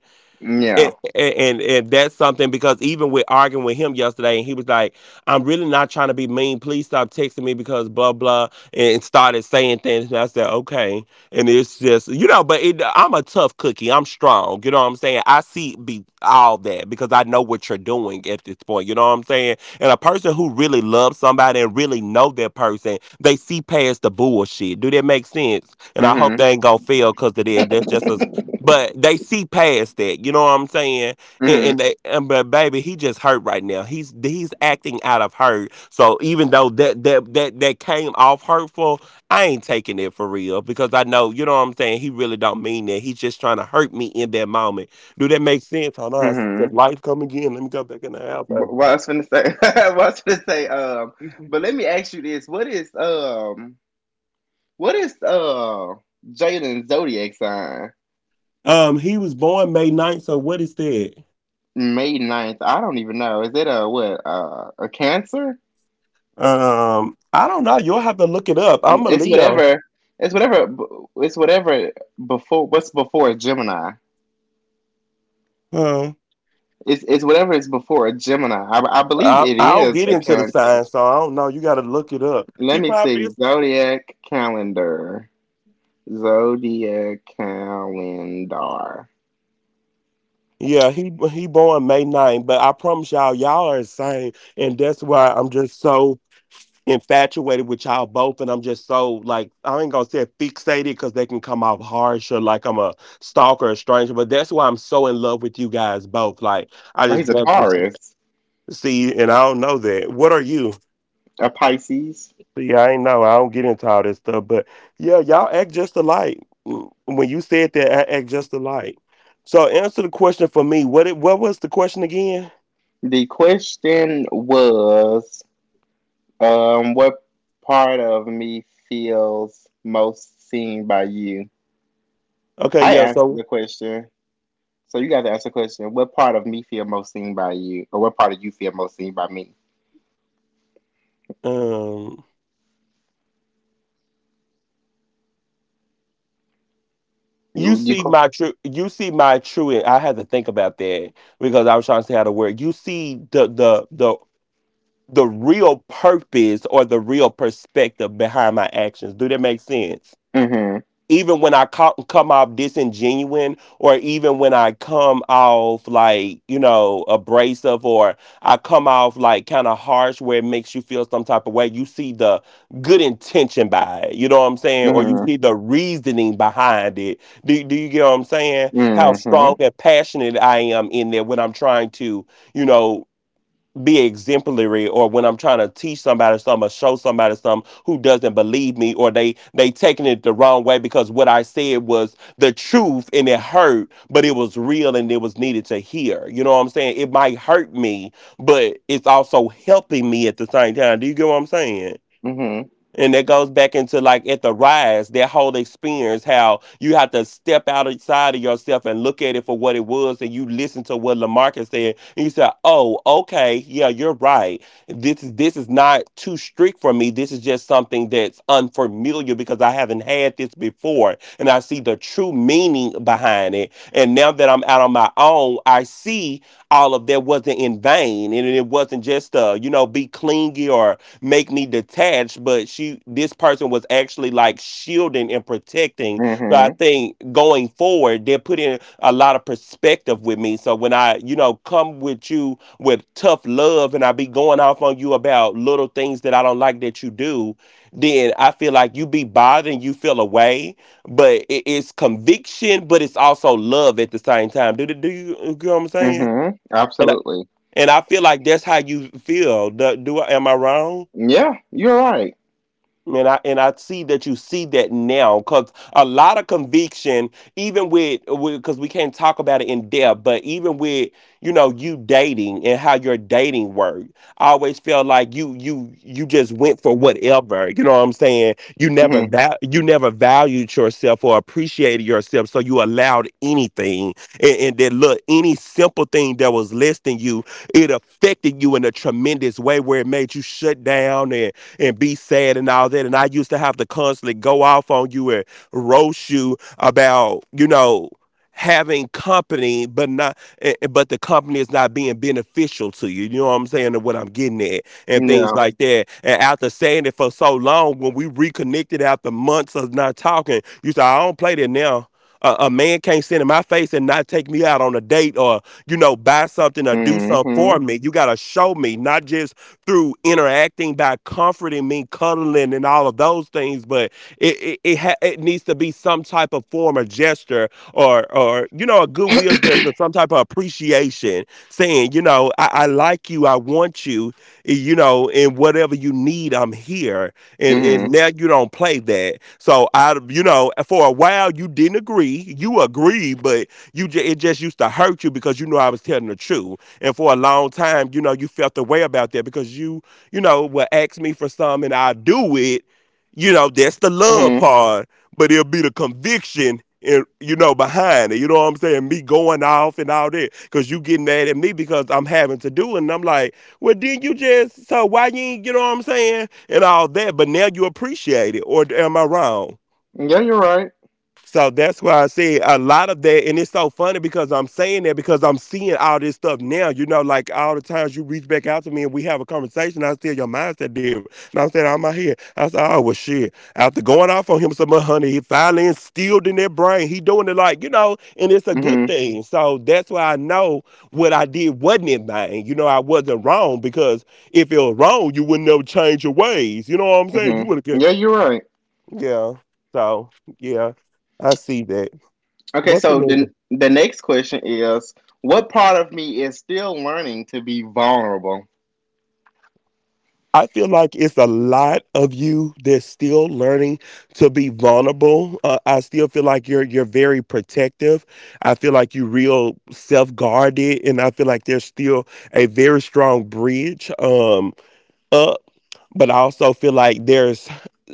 Speaker 2: and,
Speaker 1: yeah,
Speaker 2: and and that's something, because even with arguing with him yesterday, and he was like, "I'm really not trying to be mean. Please stop texting me because blah blah," and started saying things. And I said, "Okay," and it's just, you know, but it, I'm a tough cookie. I'm strong. You know what I'm saying? I see be all that because I know what you're doing at this point. You know what I'm saying? And a person who really loves somebody and really know that person, they see past the bullshit. Do that make sense? And I hope
Speaker 1: mm-hmm,
Speaker 2: they ain't gonna fail because it is. That's just a— but they see past that, you know what I'm saying?
Speaker 1: mm-hmm,
Speaker 2: But baby, he just hurt right now. He's acting out of hurt. So even though that came off hurtful, I ain't taking it for real because I know, you know what I'm saying. He really don't mean that. He's just trying to hurt me in that moment. Do that make sense? Hold on,
Speaker 1: mm-hmm.
Speaker 2: since life come again. Let me go back in the house,
Speaker 1: What
Speaker 2: baby.
Speaker 1: what I was gonna say, what I was gonna say, but let me ask you this: What is Jalen's zodiac sign?
Speaker 2: He was born May 9th. So what is that?
Speaker 1: May 9th. I don't even know. Is it a what? A Cancer?
Speaker 2: I don't know. You'll have to look it up. I'm a
Speaker 1: It's
Speaker 2: Leo.
Speaker 1: whatever. It's whatever. It's whatever before. What's before a Gemini?
Speaker 2: Um,
Speaker 1: It's whatever is before a Gemini. I believe it
Speaker 2: I'll
Speaker 1: is
Speaker 2: get
Speaker 1: a
Speaker 2: into the sign,
Speaker 1: Cancer.
Speaker 2: so I don't know. You got to look it up. He
Speaker 1: Let me
Speaker 2: probably
Speaker 1: see
Speaker 2: is.
Speaker 1: zodiac calendar. Zodiac calendar.
Speaker 2: Yeah, he born May 9th, but I promise y'all, y'all are insane, and that's why I'm just so infatuated with y'all both, and I'm just so like, I ain't gonna say fixated because they can come off harsh or like I'm a stalker or stranger, but that's why I'm so in love with you guys both. Like, I
Speaker 1: Oh,
Speaker 2: just
Speaker 1: he's a
Speaker 2: love to
Speaker 1: Taurus,
Speaker 2: see, and I don't know that. What are you?
Speaker 1: a Pisces.
Speaker 2: See, I ain't know. I don't get into all that stuff, but yeah, y'all act just alike. Mm, when you said that, I act just alike. So answer the question for me. What was the question again?
Speaker 1: The question was, what part of me feels most seen by you?
Speaker 2: Okay,
Speaker 1: I
Speaker 2: yeah.
Speaker 1: answered
Speaker 2: So
Speaker 1: the question, so you got to ask the question. What part of me feel most seen by you, or what part of you feel most seen by me?
Speaker 2: um, you
Speaker 1: You, you
Speaker 2: see
Speaker 1: co-
Speaker 2: my true, you see my true. I had to think about that because I was trying to say how to word. You see the real purpose or the real perspective behind my actions. Do that make sense?
Speaker 1: mhm,
Speaker 2: Even when I come off disingenuine, or even when I come off like, you know, abrasive, or I come off like kind of harsh, where it makes you feel some type of way. You see the good intention by it, you know what I'm saying, or you
Speaker 1: mhm,
Speaker 2: see the reasoning behind it. Do you get what I'm saying? How strong
Speaker 1: mhm,
Speaker 2: and passionate I am in there when I'm trying to, you know, be exemplary, or when I'm trying to teach somebody something or show somebody something who doesn't believe me, or they taking it the wrong way because what I said was the truth and it hurt but it was real and it was needed to hear. You know what I'm saying? It might hurt me, but it's also helping me at the same time. Do you get what I'm saying?
Speaker 1: mhm,
Speaker 2: And that goes back into like at the rise, that whole experience, how you have to step outside of yourself and look at it for what it was. And you listen to what Lamarcus said. And you say, oh, okay. Yeah, you're right. This is not too strict for me. This is just something that's unfamiliar because I haven't had this before. And I see the true meaning behind it, and now that I'm out on my own, I see all of that wasn't in vain. And it wasn't just, you know, be clingy or make me detached, but this person was actually like shielding and protecting. So I
Speaker 1: mhm,
Speaker 2: think going forward, they're putting a lot of perspective effective with me. So when I, you know, come with you with tough love and I be going off on you about little things that I don't like that you do, then I feel like you be bothered and you feel away. But it's conviction, but it's also love at the same time. Do you get what I'm saying?
Speaker 1: mhm.
Speaker 2: And I,
Speaker 1: Absolutely.
Speaker 2: and I feel like that's how you feel. Am I wrong?
Speaker 1: Yeah, you're right.
Speaker 2: And I see that you see that now, because a lot of conviction, even with— because we can't talk about it in depth, but even with, you know, you dating and how your dating worked, I always felt like you just went for whatever. You know what I'm saying? You never
Speaker 1: Mhm.
Speaker 2: you never valued yourself or appreciated yourself, so you allowed anything. And That look, any simple thing that was listing you, it affected you in a tremendous way where it made you shut down and be sad and all that. And I used to have to constantly go off on you and roast you about, you know, having company, but not, eh, eh, but the company is not being beneficial to you. You know what I'm saying? And what I'm getting at and things
Speaker 1: Yeah.
Speaker 2: like that. And after saying it for so long, when we reconnected after months of not talking, you said, I don't play that now. A man can't sit in my face and not take me out on a date, or, you know, buy something or do something
Speaker 1: Mhm.
Speaker 2: for me. You got to show me, not just through interacting by comforting me, cuddling, and all of those things. But it needs to be some type of form or gesture, or, you know, a goodwill gesture, some type of appreciation, saying, you know, I like you, I want you, you know, and whatever you need, I'm here. And
Speaker 1: Mhm.
Speaker 2: Now you don't play that. So I, you know, for a while you didn't agree, you agreed, but you it just used to hurt you because you knew I was telling the truth. And for a long time, you know, you felt the way about that because you know, will ask me for something and I do it. You know, that's the love
Speaker 1: Mhm.
Speaker 2: part, but it'll be the conviction and you know behind it. You know what I'm saying? Me going off and all that because you getting mad at me because I'm having to do it. And I'm like, well, didn't you just? So why you ain't? You know what I'm saying? And all that. But now you appreciate it, or am I wrong?
Speaker 1: Yeah, you're right.
Speaker 2: So that's why I say a lot of that, and it's so funny because I'm saying that because I'm seeing all this stuff now. You know, like all the times you reach back out to me and we have a conversation, I still your mindset different. And I'm saying out my head, I said, oh well, shit. After going off on him some more, honey, he finally instilled in their brain. He doing it like you know, and it's a good
Speaker 1: Hmm.
Speaker 2: thing. So that's why I know what I did wasn't in vain. You know, I wasn't wrong because if it was wrong, you wouldn't have changed your ways. You know what I'm saying? You
Speaker 1: Hmm.
Speaker 2: would have,
Speaker 1: Yeah, you're right.
Speaker 2: yeah. So yeah, I see that.
Speaker 1: Okay,
Speaker 2: What's the
Speaker 1: so
Speaker 2: name?
Speaker 1: the next question is, what part of me is still learning to be vulnerable?
Speaker 2: I feel like it's a lot of you that's still learning to be vulnerable. I still feel like you're very protective. I feel like you real self guarded, and I feel like there's still a very strong bridge up. But I also feel like there's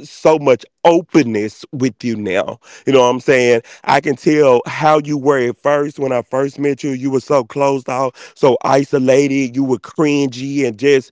Speaker 2: so much openness with you now. You know what I'm saying? I can tell how you were at first when I first met you. You were so closed off, so isolated. You were cringy and just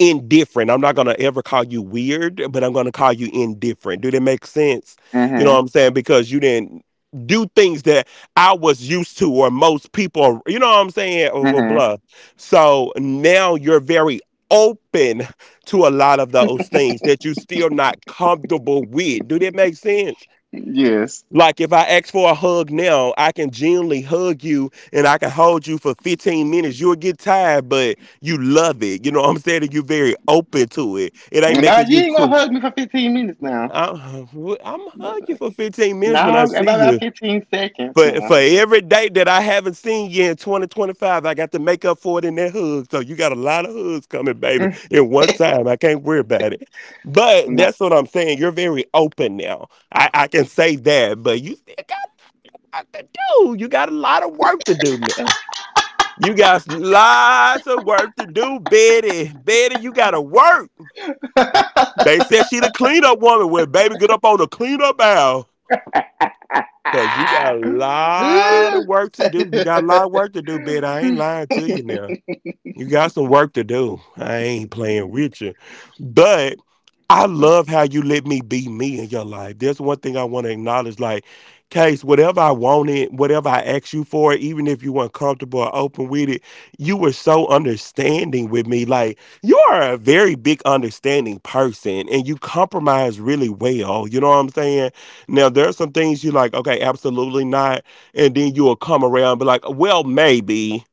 Speaker 2: indifferent. I'm not going to ever call you weird, but I'm going to call you indifferent. Do that make sense? You know what
Speaker 1: Hmm.
Speaker 2: I'm saying? Because you didn't do things that I was used to or most people, you know what I'm saying? Blah, blah,
Speaker 1: Hmm.
Speaker 2: blah. So now you're very open to a lot of those things that you're still not comfortable with. Do that make sense?
Speaker 1: Yes.
Speaker 2: Like if I ask for a hug now, I can genuinely hug you and I can hold you for 15 minutes. You'll get tired, but you love it. You know what I'm saying? You're very open to it. It ain't
Speaker 1: Now
Speaker 2: making
Speaker 1: you
Speaker 2: you
Speaker 1: ain't gonna
Speaker 2: cry.
Speaker 1: hug me for 15 minutes now.
Speaker 2: I'm, I'm hug for 15 minutes when
Speaker 1: Now
Speaker 2: I see
Speaker 1: about
Speaker 2: you.
Speaker 1: 15 seconds
Speaker 2: But
Speaker 1: now.
Speaker 2: for every day that I haven't seen you in 2025, I got to make up for it in that hug. So you got a lot of hugs coming, baby,
Speaker 1: Mm,
Speaker 2: in one time. I can't worry about it. But
Speaker 1: No.
Speaker 2: that's what I'm saying. You're very open now. I can say that, but you still Dude, you got a lot of work to do now. You got lots of work to do, Betty. Betty, you gotta work. They said she the cleanup woman. Well, baby, get up on the cleanup aisle. Cause you got a lot of work to do. You got a lot of work to do, Betty. I ain't lying to you now. You got some work to do. I ain't playing with you. But I love how you let me be me in your life. There's one thing I want to acknowledge. Like, Case, whatever I wanted, whatever I asked you for, even if you weren't comfortable or open with it, you were so understanding with me. Like, you are a very big understanding person and you compromise really well. You know what I'm saying? Now, there are some things you're like, okay, absolutely not. And then you will come around and be like, well, maybe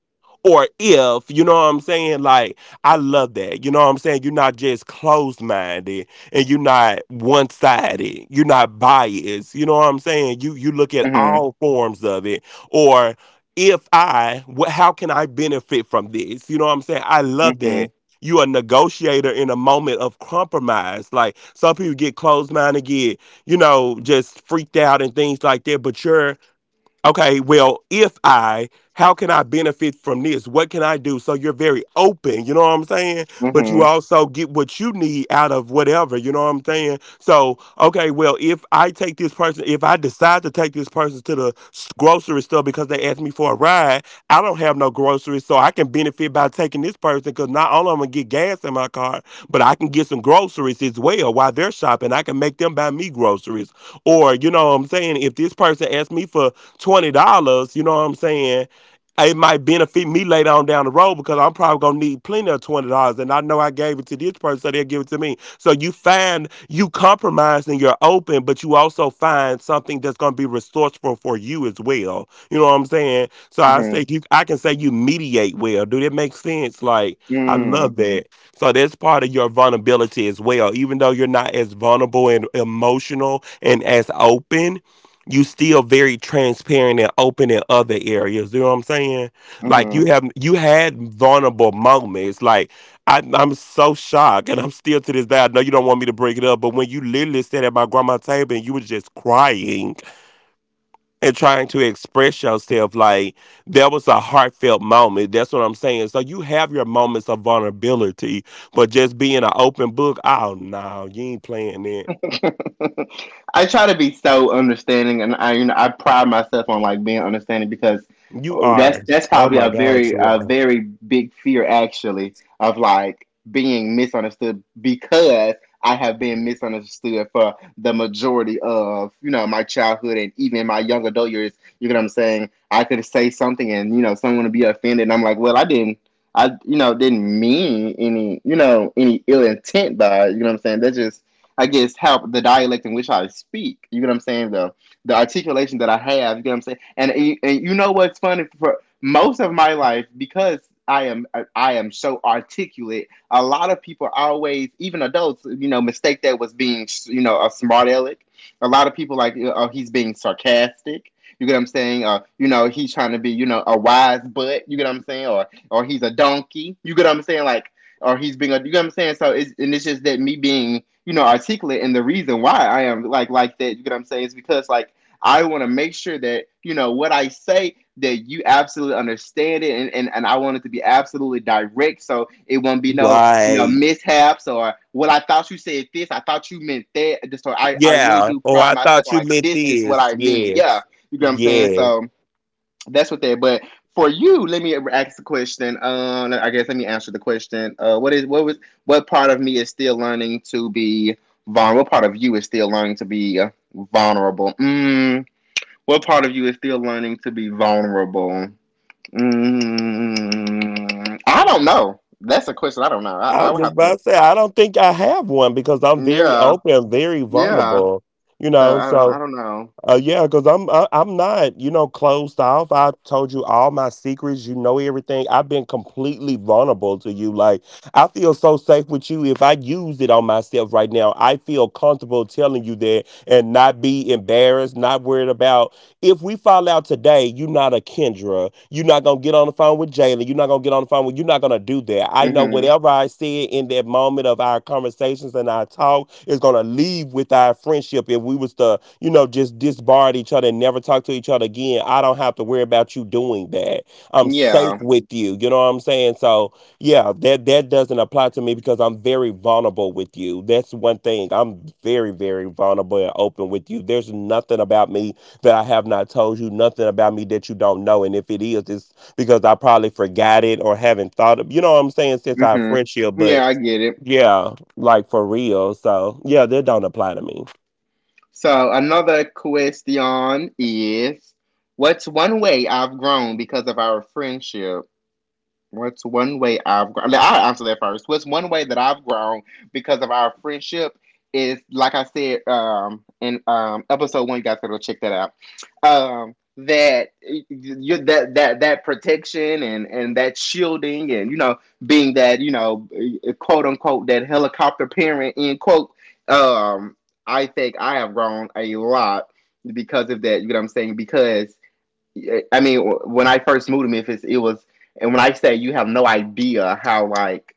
Speaker 2: or if, you know what I'm saying? Like, I love that. You know what I'm saying? You're not just closed minded and you're not one sided. You're not biased. You know what I'm saying? You look at
Speaker 1: Hmm.
Speaker 2: all forms of it. Or if I, what how can I benefit from this? You know what I'm saying? I love that.
Speaker 1: Hmm.
Speaker 2: You a negotiator in a moment of compromise. Like some people get closed minded, get, you know, just freaked out and things like that. But you're okay, well, if I, how can I benefit from this? What can I do? So you're very open, you know what I'm saying? But you
Speaker 1: Hmm.
Speaker 2: also get what you need out of whatever, you know what I'm saying? So, okay, well, if I take this person, if I decide to take this person to the grocery store because they asked me for a ride, I don't have no groceries, so I can benefit by taking this person because not only I'm gonna get gas in my car, but I can get some groceries as well while they're shopping. I can make them buy me groceries. Or, you know what I'm saying? If this person asked me for $20, you know what I'm saying? It might benefit me later on down the road because I'm probably gonna need plenty of $20, and I know I gave it to this person, so they'll give it to me. So you find you compromise and you're open, but you also find something that's gonna be resourceful for you as well. You know what I'm saying? So I say you, I can say you mediate well. Do that make sense? Like I
Speaker 1: Hmm.
Speaker 2: love that. So that's part of your vulnerability as well. Even though you're not as vulnerable and emotional and as open, you still very transparent and open in other areas. You know what I'm saying? Like
Speaker 1: Hmm.
Speaker 2: you have you had vulnerable moments. Like I'm so shocked, and I'm still to this day. I know you don't want me to bring it up, but when you literally sat at my grandma's table and you were just crying and trying to express yourself, like that was a heartfelt moment. That's what I'm saying. So you have your moments of vulnerability, but just being an open book. Oh no, you ain't playing it.
Speaker 1: I try to be so understanding, and I you know I pride myself on like being understanding because
Speaker 2: You
Speaker 1: oh, that's
Speaker 2: are.
Speaker 1: that's
Speaker 2: Oh
Speaker 1: probably
Speaker 2: my
Speaker 1: a
Speaker 2: God,
Speaker 1: very
Speaker 2: you
Speaker 1: a
Speaker 2: are.
Speaker 1: very big fear actually of like being misunderstood because I have been misunderstood for the majority of my childhood and even my young adult years. You know what I'm saying? I could say something and someone would be offended. And I'm like, well, I didn't. I didn't mean any you know any ill intent by it. You know what I'm saying. That's just I guess how the dialect in which I speak. You get what I'm saying? The articulation that I have. You get what I'm saying? And what's funny for most of my life because I am so articulate. A lot of people always, even adults, mistake that was being a smart aleck. A lot of people like oh he's being sarcastic. You get what I'm saying? He's trying to be, a wise butt. You get what I'm saying? Or he's a donkey. You get what I'm saying? Like, or he's being a you know what I'm saying? So it's just that me being, articulate and the reason why I am like that, you know what I'm saying, is because like I want to make sure that, what I say that you absolutely understand it and I want it to be absolutely direct so it won't be no,
Speaker 2: Right.
Speaker 1: mishaps or what I thought you said this, I thought you meant that. Just so I
Speaker 2: Yeah.
Speaker 1: really do
Speaker 2: Oh, I
Speaker 1: pride myself
Speaker 2: thought
Speaker 1: on
Speaker 2: you
Speaker 1: like
Speaker 2: meant
Speaker 1: this is what I
Speaker 2: this.
Speaker 1: mean.
Speaker 2: Yeah.
Speaker 1: Yeah. You know what I'm saying? So
Speaker 2: Yeah.
Speaker 1: that's what that. But for you, let me ask the question. I guess let me answer the question. What part of me is still learning to be vulnerable? What part of you is still learning to be vulnerable? What part of you is still learning to be vulnerable? I don't know. That's a question. I don't know. I,
Speaker 2: I
Speaker 1: I
Speaker 2: was
Speaker 1: would
Speaker 2: just
Speaker 1: have to.
Speaker 2: about to say, I don't think I have one because I'm very
Speaker 1: Yeah,
Speaker 2: open, very
Speaker 1: yeah.
Speaker 2: vulnerable, you
Speaker 1: So
Speaker 2: know.
Speaker 1: I don't. I
Speaker 2: So,
Speaker 1: don't know.
Speaker 2: yeah, because I'm not, you know, closed off. I told you all my secrets. You know everything. I've been completely vulnerable to you. Like I feel so safe with you. If I used it on myself right now, I feel comfortable telling you that and not be embarrassed, not worried about if we fall out today, you're not a Kendra. You're not gonna get on the phone with Jalen. You're not gonna get on the phone with. You're not gonna do that. I know
Speaker 1: Mhm.
Speaker 2: whatever I said in that moment of our conversations and our talk is gonna leave with our friendship. If we was to, you know, just disbarred each other and never talk to each other again, I don't have to worry about you doing that. I'm safe
Speaker 1: Yeah.
Speaker 2: with you. You know what I'm saying? So yeah, that doesn't apply to me because I'm very vulnerable with you. That's one thing. I'm very very vulnerable and open with you. There's nothing about me that I have not told you nothing about me that you don't know. And if it is, it's because I probably forgot it or haven't thought of you know what I'm saying since our
Speaker 1: Mhm.
Speaker 2: friendship, but
Speaker 1: Yeah, I get it.
Speaker 2: yeah, like for real. So yeah, that don't apply to me.
Speaker 1: So another question is, what's one way I've grown because of our friendship? What's one way I've grown? I'll answer that first. What's one way that I've grown because of our friendship is, like I said in episode one, you guys gotta go check that out. That protection and that shielding and being that quote unquote that helicopter parent in quote. Um, I think I have grown a lot because of that. You know what I'm saying? Because I mean, when I first moved to Memphis, it was, and when I say you have no idea how, like,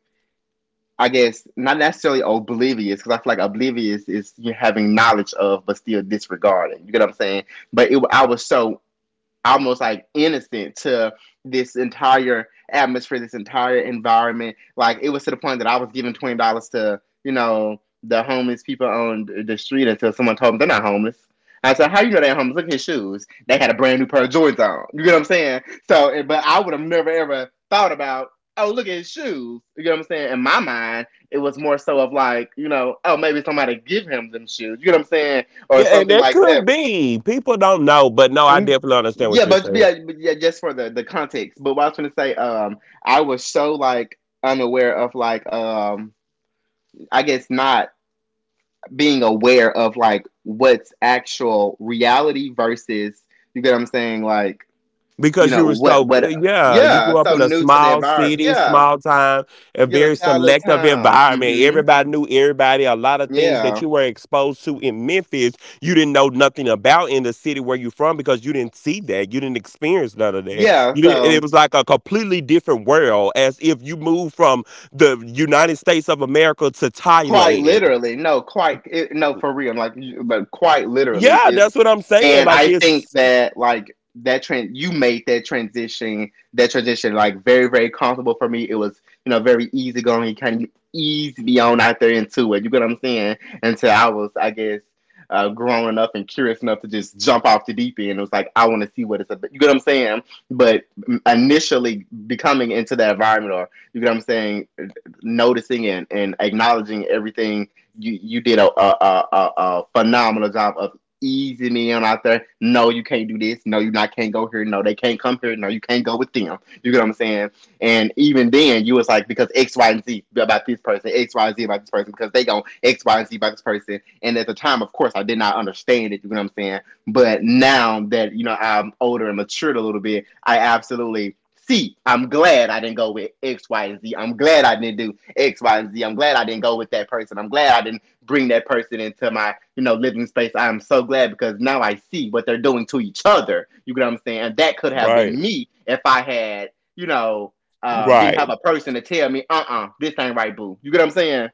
Speaker 1: I guess not necessarily oblivious, because I feel like oblivious is you having knowledge of, but still disregarding. You get what I'm saying? But it, I was so almost like innocent to this entire atmosphere, this entire environment. Like it was to the point that I was giving $20 to the homeless people on the street until someone told me they're not homeless. I said, "How you know they're homeless? Look at his shoes. They had a brand new pair of Jordans on. You get what I'm saying? So, but I would have never ever thought about." Oh, look at his shoes. You know what I'm saying? In my mind, it was more so of like, oh, maybe somebody give him them shoes. You know what I'm saying? Or
Speaker 2: Yeah, and
Speaker 1: something
Speaker 2: that
Speaker 1: like
Speaker 2: could
Speaker 1: that.
Speaker 2: be. People don't know, but no, I
Speaker 1: Mm,
Speaker 2: definitely understand
Speaker 1: Yeah,
Speaker 2: what you're
Speaker 1: but
Speaker 2: saying.
Speaker 1: yeah, but yeah, just for the context. But what I was gonna say, I was so like unaware of like I guess not being aware of like what's actual reality versus you get what I'm saying, like you
Speaker 2: Because you
Speaker 1: know
Speaker 2: were
Speaker 1: what
Speaker 2: so,
Speaker 1: what
Speaker 2: yeah, you
Speaker 1: yeah,
Speaker 2: grew up
Speaker 1: so
Speaker 2: in a
Speaker 1: new to the
Speaker 2: small
Speaker 1: environment,
Speaker 2: city,
Speaker 1: yeah,
Speaker 2: small town, a
Speaker 1: yeah,
Speaker 2: very
Speaker 1: let's have a little
Speaker 2: selective
Speaker 1: town,
Speaker 2: environment,
Speaker 1: mm-hmm,
Speaker 2: everybody knew everybody, a lot of things that
Speaker 1: yeah,
Speaker 2: you were exposed to in Memphis you didn't know nothing about in the city where you from because you didn't see that, you didn't experience none of that,
Speaker 1: yeah,
Speaker 2: you didn't,
Speaker 1: so.
Speaker 2: it was like a completely different world as if you moved from the United States of America to
Speaker 1: Quite
Speaker 2: Thailand.
Speaker 1: literally, no, quite it, no, for real, like, but quite literally,
Speaker 2: Yeah, that's what I'm saying,
Speaker 1: and
Speaker 2: like
Speaker 1: I think
Speaker 2: it's
Speaker 1: that like that trend you made that transition like very, very comfortable for me. It was, very easy going. You kinda eased me on out there into it. You get what I'm saying? Until I was, I guess, grown enough and curious enough to just jump off the deep end. It was like I want to see what it's about. You get what I'm saying? But initially becoming into that environment, or you get what I'm saying, noticing and acknowledging everything you did a phenomenal job of easy man out there. No, you can't do this. No, you not can't go here. No, they can't come here. No, you can't go with them. You get what I'm saying? And even then, you was like because X, Y, and Z about this person, X, Y, and Z about this person, because they go X, Y, and Z about this person. And at the time, of course, I did not understand it. You know what I'm saying? But now that I'm older and matured a little bit, I absolutely see. I'm glad I didn't go with X, Y, and Z. I'm glad I didn't do X, Y, and Z. I'm glad I didn't go with that person. I'm glad I didn't bring that person into my living space. I'm so glad because now I see what they're doing to each other. You get what I'm saying? And that could have
Speaker 2: right,
Speaker 1: been me if I had you know didn't
Speaker 2: right,
Speaker 1: have a person to tell me, uh-uh, this ain't right, boo. You get what I'm saying?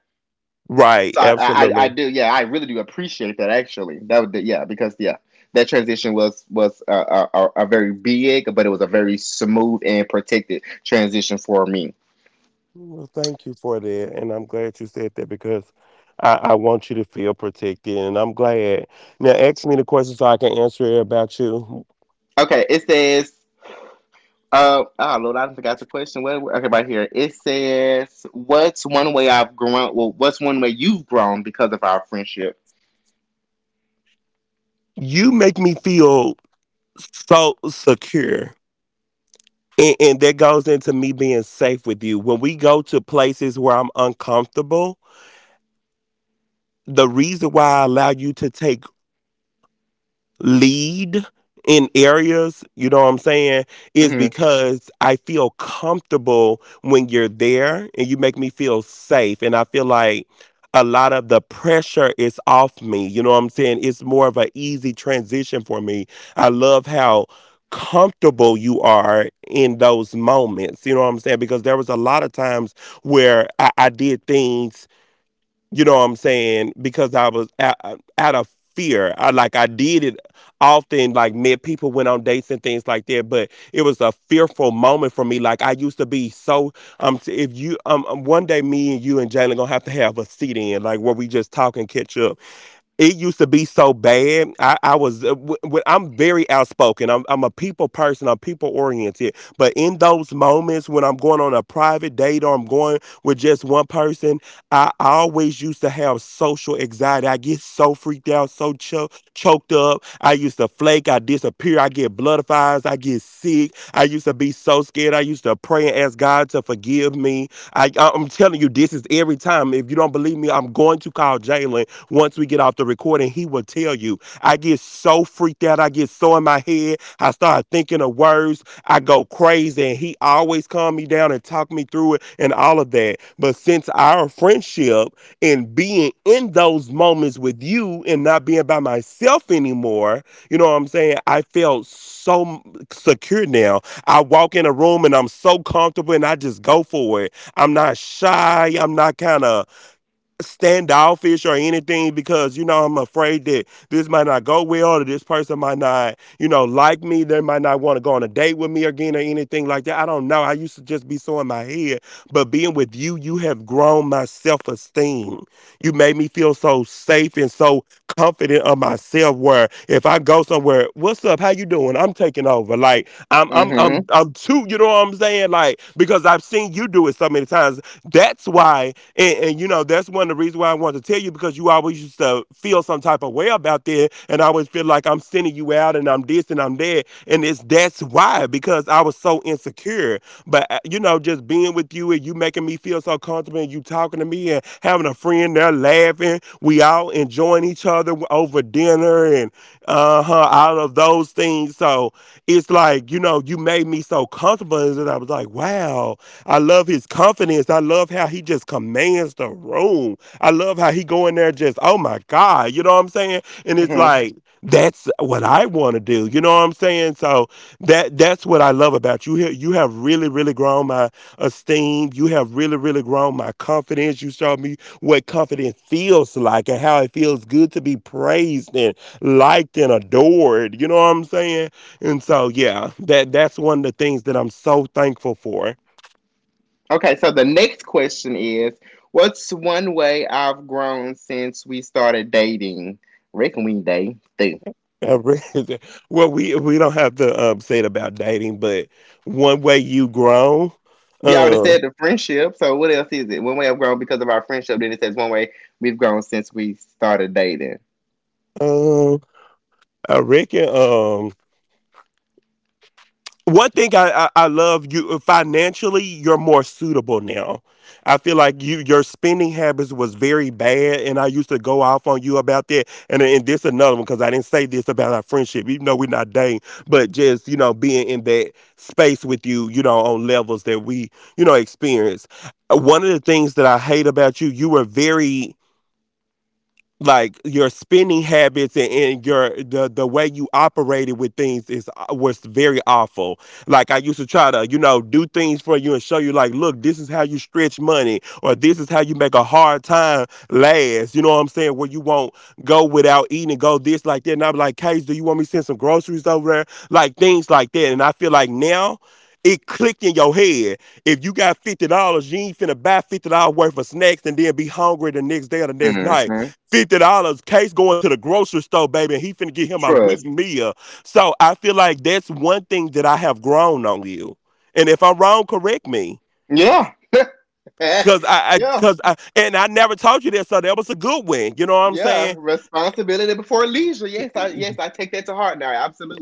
Speaker 2: right,
Speaker 1: So I
Speaker 2: absolutely.
Speaker 1: do, yeah, I really do appreciate that actually. That would, yeah, because yeah, that transition was a very big, but it was a very smooth and protected transition for me.
Speaker 2: Well, thank you for that. And I'm glad you said that because I want you to feel protected. And I'm glad. Now, ask me the question so I can answer it about you.
Speaker 1: Okay, it says, oh Lord, I forgot the question. What? Okay, right here. It says, "What's one way I've grown? Well, what's one way you've grown because of our friendship?"
Speaker 2: You make me feel so secure. And that goes into me being safe with you. When we go to places where I'm uncomfortable, the reason why I allow you to take lead in areas, you know what I'm saying, is
Speaker 1: Mhm.
Speaker 2: because I feel comfortable when you're there and you make me feel safe. And I feel like a lot of the pressure is off me. You know what I'm saying? It's more of an easy transition for me. I love how comfortable you are in those moments. You know what I'm saying? Because there was a lot of times where I did things, you know what I'm saying? Because I was out, out of fear. I like I did it often, like met people went on dates and things like that. But it was a fearful moment for me. Like I used to be so. If you one day me and you and Jalen gonna have to have a sit in, like where we just talk and catch up. It used to be so bad. I was, I'm very outspoken. I'm a people person. I'm people oriented. But in those moments when I'm going on a private date or I'm going with just one person, I always used to have social anxiety. I get so freaked out, so choked up. I used to flake. I disappear. I get bloodifies. I get sick. I used to be so scared. I used to pray and ask God to forgive me. I'm telling you, this is every time. If you don't believe me, I'm going to call Jalen once we get off the recording, he will tell you. I get so freaked out. I get so in my head. I start thinking of words. I go crazy, and he always calmed me down and talked me through it and all of that. But since our friendship and being in those moments with you and not being by myself anymore, you know what I'm saying? I felt so secure now. I walk in a room and I'm so comfortable and I just go for it. I'm not shy. I'm not kind of standoffish or anything because you know I'm afraid that this might not go well or this person might not, you know, like me, they might not want to go on a date with me again or anything like that. I don't know, I used to just be so in my head, but being with you, you have grown my self-esteem. You made me feel so safe and so confident of myself where if I go somewhere, what's up, how you doing, I'm taking over, like I'm I'm I'm
Speaker 1: Mhm.
Speaker 2: I'm too, you know what I'm saying, like because I've seen you do it so many times. That's why, and you know, that's one of the reasons why I wanted to tell you because you always used to feel some type of way about that, and I always feel like I'm sending you out and I'm this and I'm that, and it's that's why, because I was so insecure. But you know, just being with you and you making me feel so comfortable, and you talking to me and having a friend there laughing, we all enjoying each other over dinner and uh huh, all of those things. So it's like, you know, you made me so comfortable, and I was like, wow, I love his confidence point. I love how he just commands the room. I love how he go in there just, oh my God, you know what I'm saying? And it's
Speaker 1: Mhm.
Speaker 2: like, that's what I want to do. You know what I'm saying? So that's what I love about you. You have really, really grown my esteem. You have really, really grown my confidence. You showed me what confidence feels like and how it feels good to be praised and liked and adored. You know what I'm saying? And so yeah, that's one of the things that I'm so thankful for.
Speaker 1: Okay, so the next question is, "What's one way I've grown since we started dating?" Reckon we date. They-
Speaker 2: I read Well, we don't have to say it about dating, but one way you grown,
Speaker 1: We already
Speaker 2: um,
Speaker 1: said the friendship. So what else is it? One way I've grown because of our friendship. Then it says one way we've grown since we started dating.
Speaker 2: um, I reckon, one thing I love you financially you're more suitable now. I feel like you your spending habits was very bad and I used to go off on you about that, and this another one because I didn't say this about our friendship even though we're not dating, but just you know being in that space with you, you know, on levels that we, you know, experience. One of the things that I hate about you, you were very like your spending habits, and your the way you operated with things is was very awful. Like I used to try to you know do things for you and show you like, look, this is how you stretch money or this is how you make a hard time last. You know what I'm saying? Where you won't go without eating and go this like that. And I'm like, Case, do you want me to send some groceries over there? Like things like that. And I feel like now, it clicked in your head. If you got $50, you ain't finna buy $50 worth of snacks and then be hungry the next day or the next night.
Speaker 1: Mhm.
Speaker 2: $50, Case going to the grocery store, baby, and he finna get him a weak
Speaker 1: Trust.
Speaker 2: meal. So I feel like that's one thing that I have grown on you. And if I'm wrong, correct me.
Speaker 1: Yeah.
Speaker 2: Cause I, I
Speaker 1: yeah.
Speaker 2: cause I and I never told you this, so that was a good one. You know what I'm
Speaker 1: Yeah,
Speaker 2: saying?
Speaker 1: responsibility before leisure. Yes, I take that to heart now.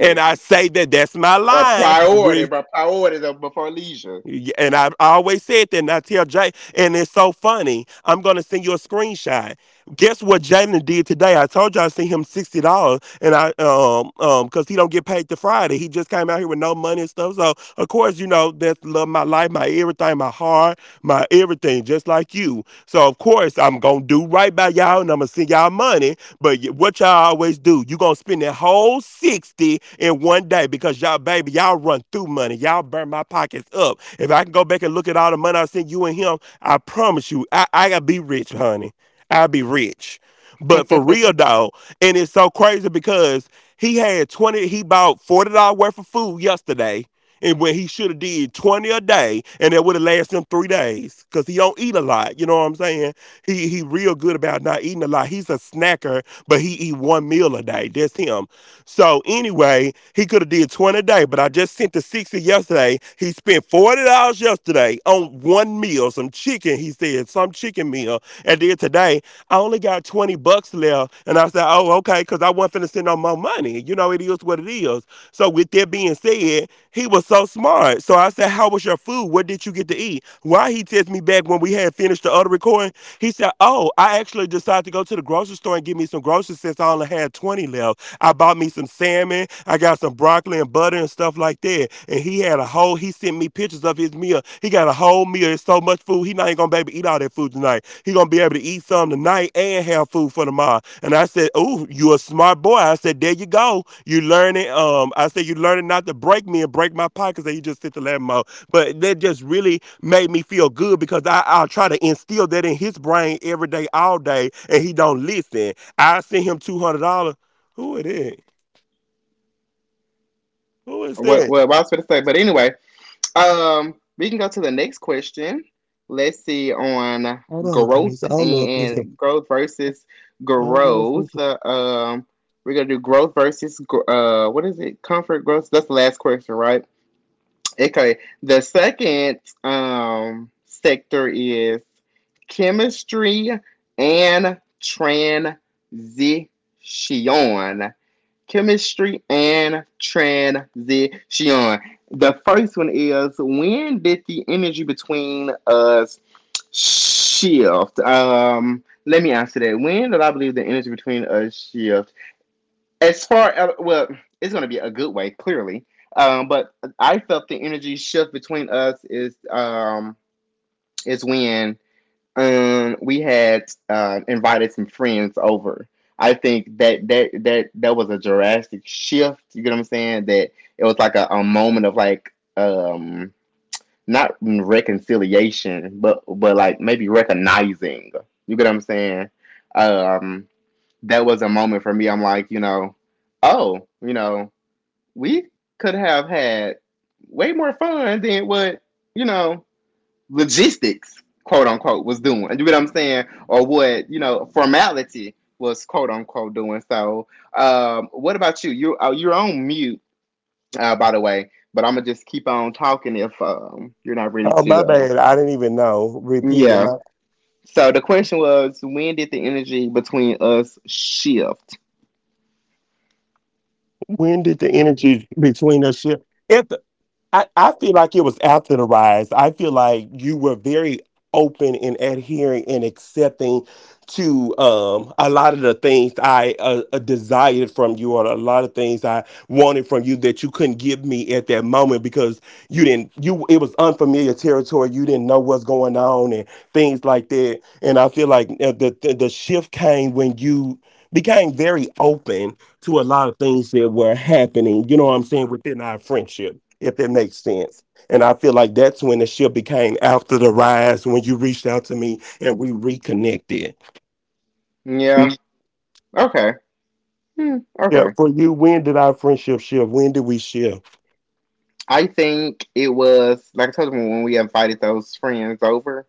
Speaker 2: And I say that that's my
Speaker 1: or
Speaker 2: line.
Speaker 1: priority, but priority before leisure.
Speaker 2: And I always said that, and I tell Jay, and it's so funny. I'm gonna send you a screenshot. Guess what Jalen did today? I told you I sent him $60, and I because he don't get paid to Friday. He just came out here with no money and stuff. So of course, you know that's love, my life, my everything, my heart, my everything, just like you. So of course I'm gonna do right by y'all, and I'm gonna send y'all money. But what y'all always do, you gonna spend that whole 60 in one day because y'all, baby, y'all run through money. Y'all burn my pockets up. If I can go back and look at all the money I sent you and him, I promise you, I gotta be rich, honey. I'll be rich. But for real
Speaker 1: what
Speaker 2: dog. And it's so crazy because he had 20. He bought $40 worth of food yesterday and when he should have did 20 a day and that would have lasted him 3 days because he don't eat a lot, you know what I'm saying. He real good about not eating a lot. He's a snacker but he eat one meal a day, that's him. So anyway he could have did 20 a day but I just sent the 60 yesterday. He spent $40 yesterday on one meal, some chicken. He said some chicken meal at the end today. I only got 20 bucks left. And I said, oh, okay, because I wasn't finna send no more money. You know, it is what it is. So with that being said, he was so smart. So I said, how was your food? What did you get to eat? Why he text me back when we had finished the other recording? He said, oh, I actually decided to go to the grocery store and get me some groceries since I only had 20 left. I bought me some salmon. I got some broccoli and butter and stuff like that. And he had a whole, he sent me pictures of his meal. He got a whole meal. It's so much food. He not even gonna be able to eat all that food tonight. He gonna be able to eat some tonight and have food for tomorrow. And I said, ooh, you a smart boy. I said, there you go. You learning. I said, you learning not to break me and break my pockets. And you just sit the lab mode. But that just really made me feel good because I, I'll try to instill that in his brain every day, all day, and he don't listen. I sent him $200. Who it is? Who is that?
Speaker 1: what I was going to say, but anyway, we can go to the next question. Let's see on
Speaker 2: Hold on, guys.
Speaker 1: growth
Speaker 2: I don't know if it's a.
Speaker 1: and growth versus
Speaker 2: I don't know if
Speaker 1: growth.
Speaker 2: it's a.
Speaker 1: We're gonna do growth versus what is it? Comfort growth. That's the last question, right? Okay. The second sector is chemistry and transition. Chemistry and transition. The first one is, when did the energy between us shift? Let me answer that. When did I believe the energy between us shift? As far as, well, it's going to be a good way, clearly. But I felt the energy shift between us is when we had invited some friends over. I think that that was a drastic shift. You get what I'm saying? That it was like a moment of like, not reconciliation, but like maybe recognizing. You get what I'm saying? Um, that was a moment for me. I'm like, oh, we could have had way more fun than what, you know logistics quote unquote was doing, you know what I'm saying, or what, formality was quote unquote doing. So what about you? You you're on mute by the way, but I'm gonna just keep on talking if you're not ready
Speaker 2: Oh,
Speaker 1: to
Speaker 2: my bad. I didn't even know. Repeating.
Speaker 1: yeah. So the question was, when did the energy between us shift?
Speaker 2: When did the energy between us shift? If. I feel like it was after the rise. I feel like you were very open and adhering and accepting to a lot of the things I desired from you, or a lot of things I wanted from you that you couldn't give me at that moment because you didn't. You it was unfamiliar territory. You didn't know what's going on and things like that. And I feel like the shift came when you became very open to a lot of things that were happening, you know what I'm saying, within our friendship, if it makes sense. And I feel like that's when the ship became after the rise, when you reached out to me and we reconnected.
Speaker 1: Yeah.
Speaker 2: Mm.
Speaker 1: Okay. Hmm,
Speaker 2: Yeah,
Speaker 1: okay.
Speaker 2: for you, when did our friendship shift? When did we shift
Speaker 1: I think it was like I told you, when we invited those friends over.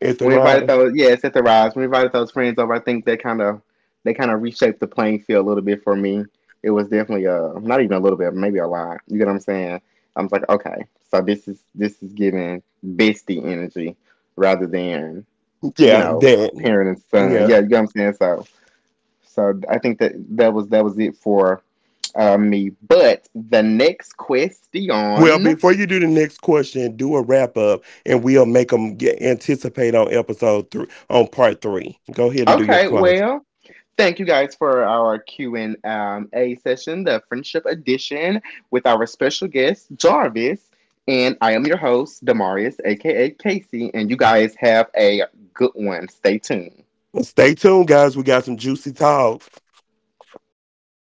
Speaker 2: at the
Speaker 1: When we invited
Speaker 2: rise?
Speaker 1: those, yeah, it's at the rise. When we invited those friends over, I think they kind of, reshaped the playing field a little bit for me. It was definitely, uh, not even a little bit, maybe a lot. You get what I'm saying? I was like, okay, so this is giving bestie energy rather than, you
Speaker 2: Yeah,
Speaker 1: know,
Speaker 2: that.
Speaker 1: parent and son.
Speaker 2: Yeah.
Speaker 1: Yeah, you get what I'm saying? So I think that that was it for me. But the next
Speaker 2: Well,
Speaker 1: question.
Speaker 2: before you do the next question, do a wrap up and we'll make them get, anticipate on episode three, on part three. Go ahead and do your
Speaker 1: Okay,
Speaker 2: close.
Speaker 1: well, thank you guys for our Q and A session, the Friendship Edition, with our special guest Jarvis, and I am your host Demarius, aka Casey, and you guys have a good one. Stay tuned.
Speaker 2: Stay tuned, guys. We got some juicy talk.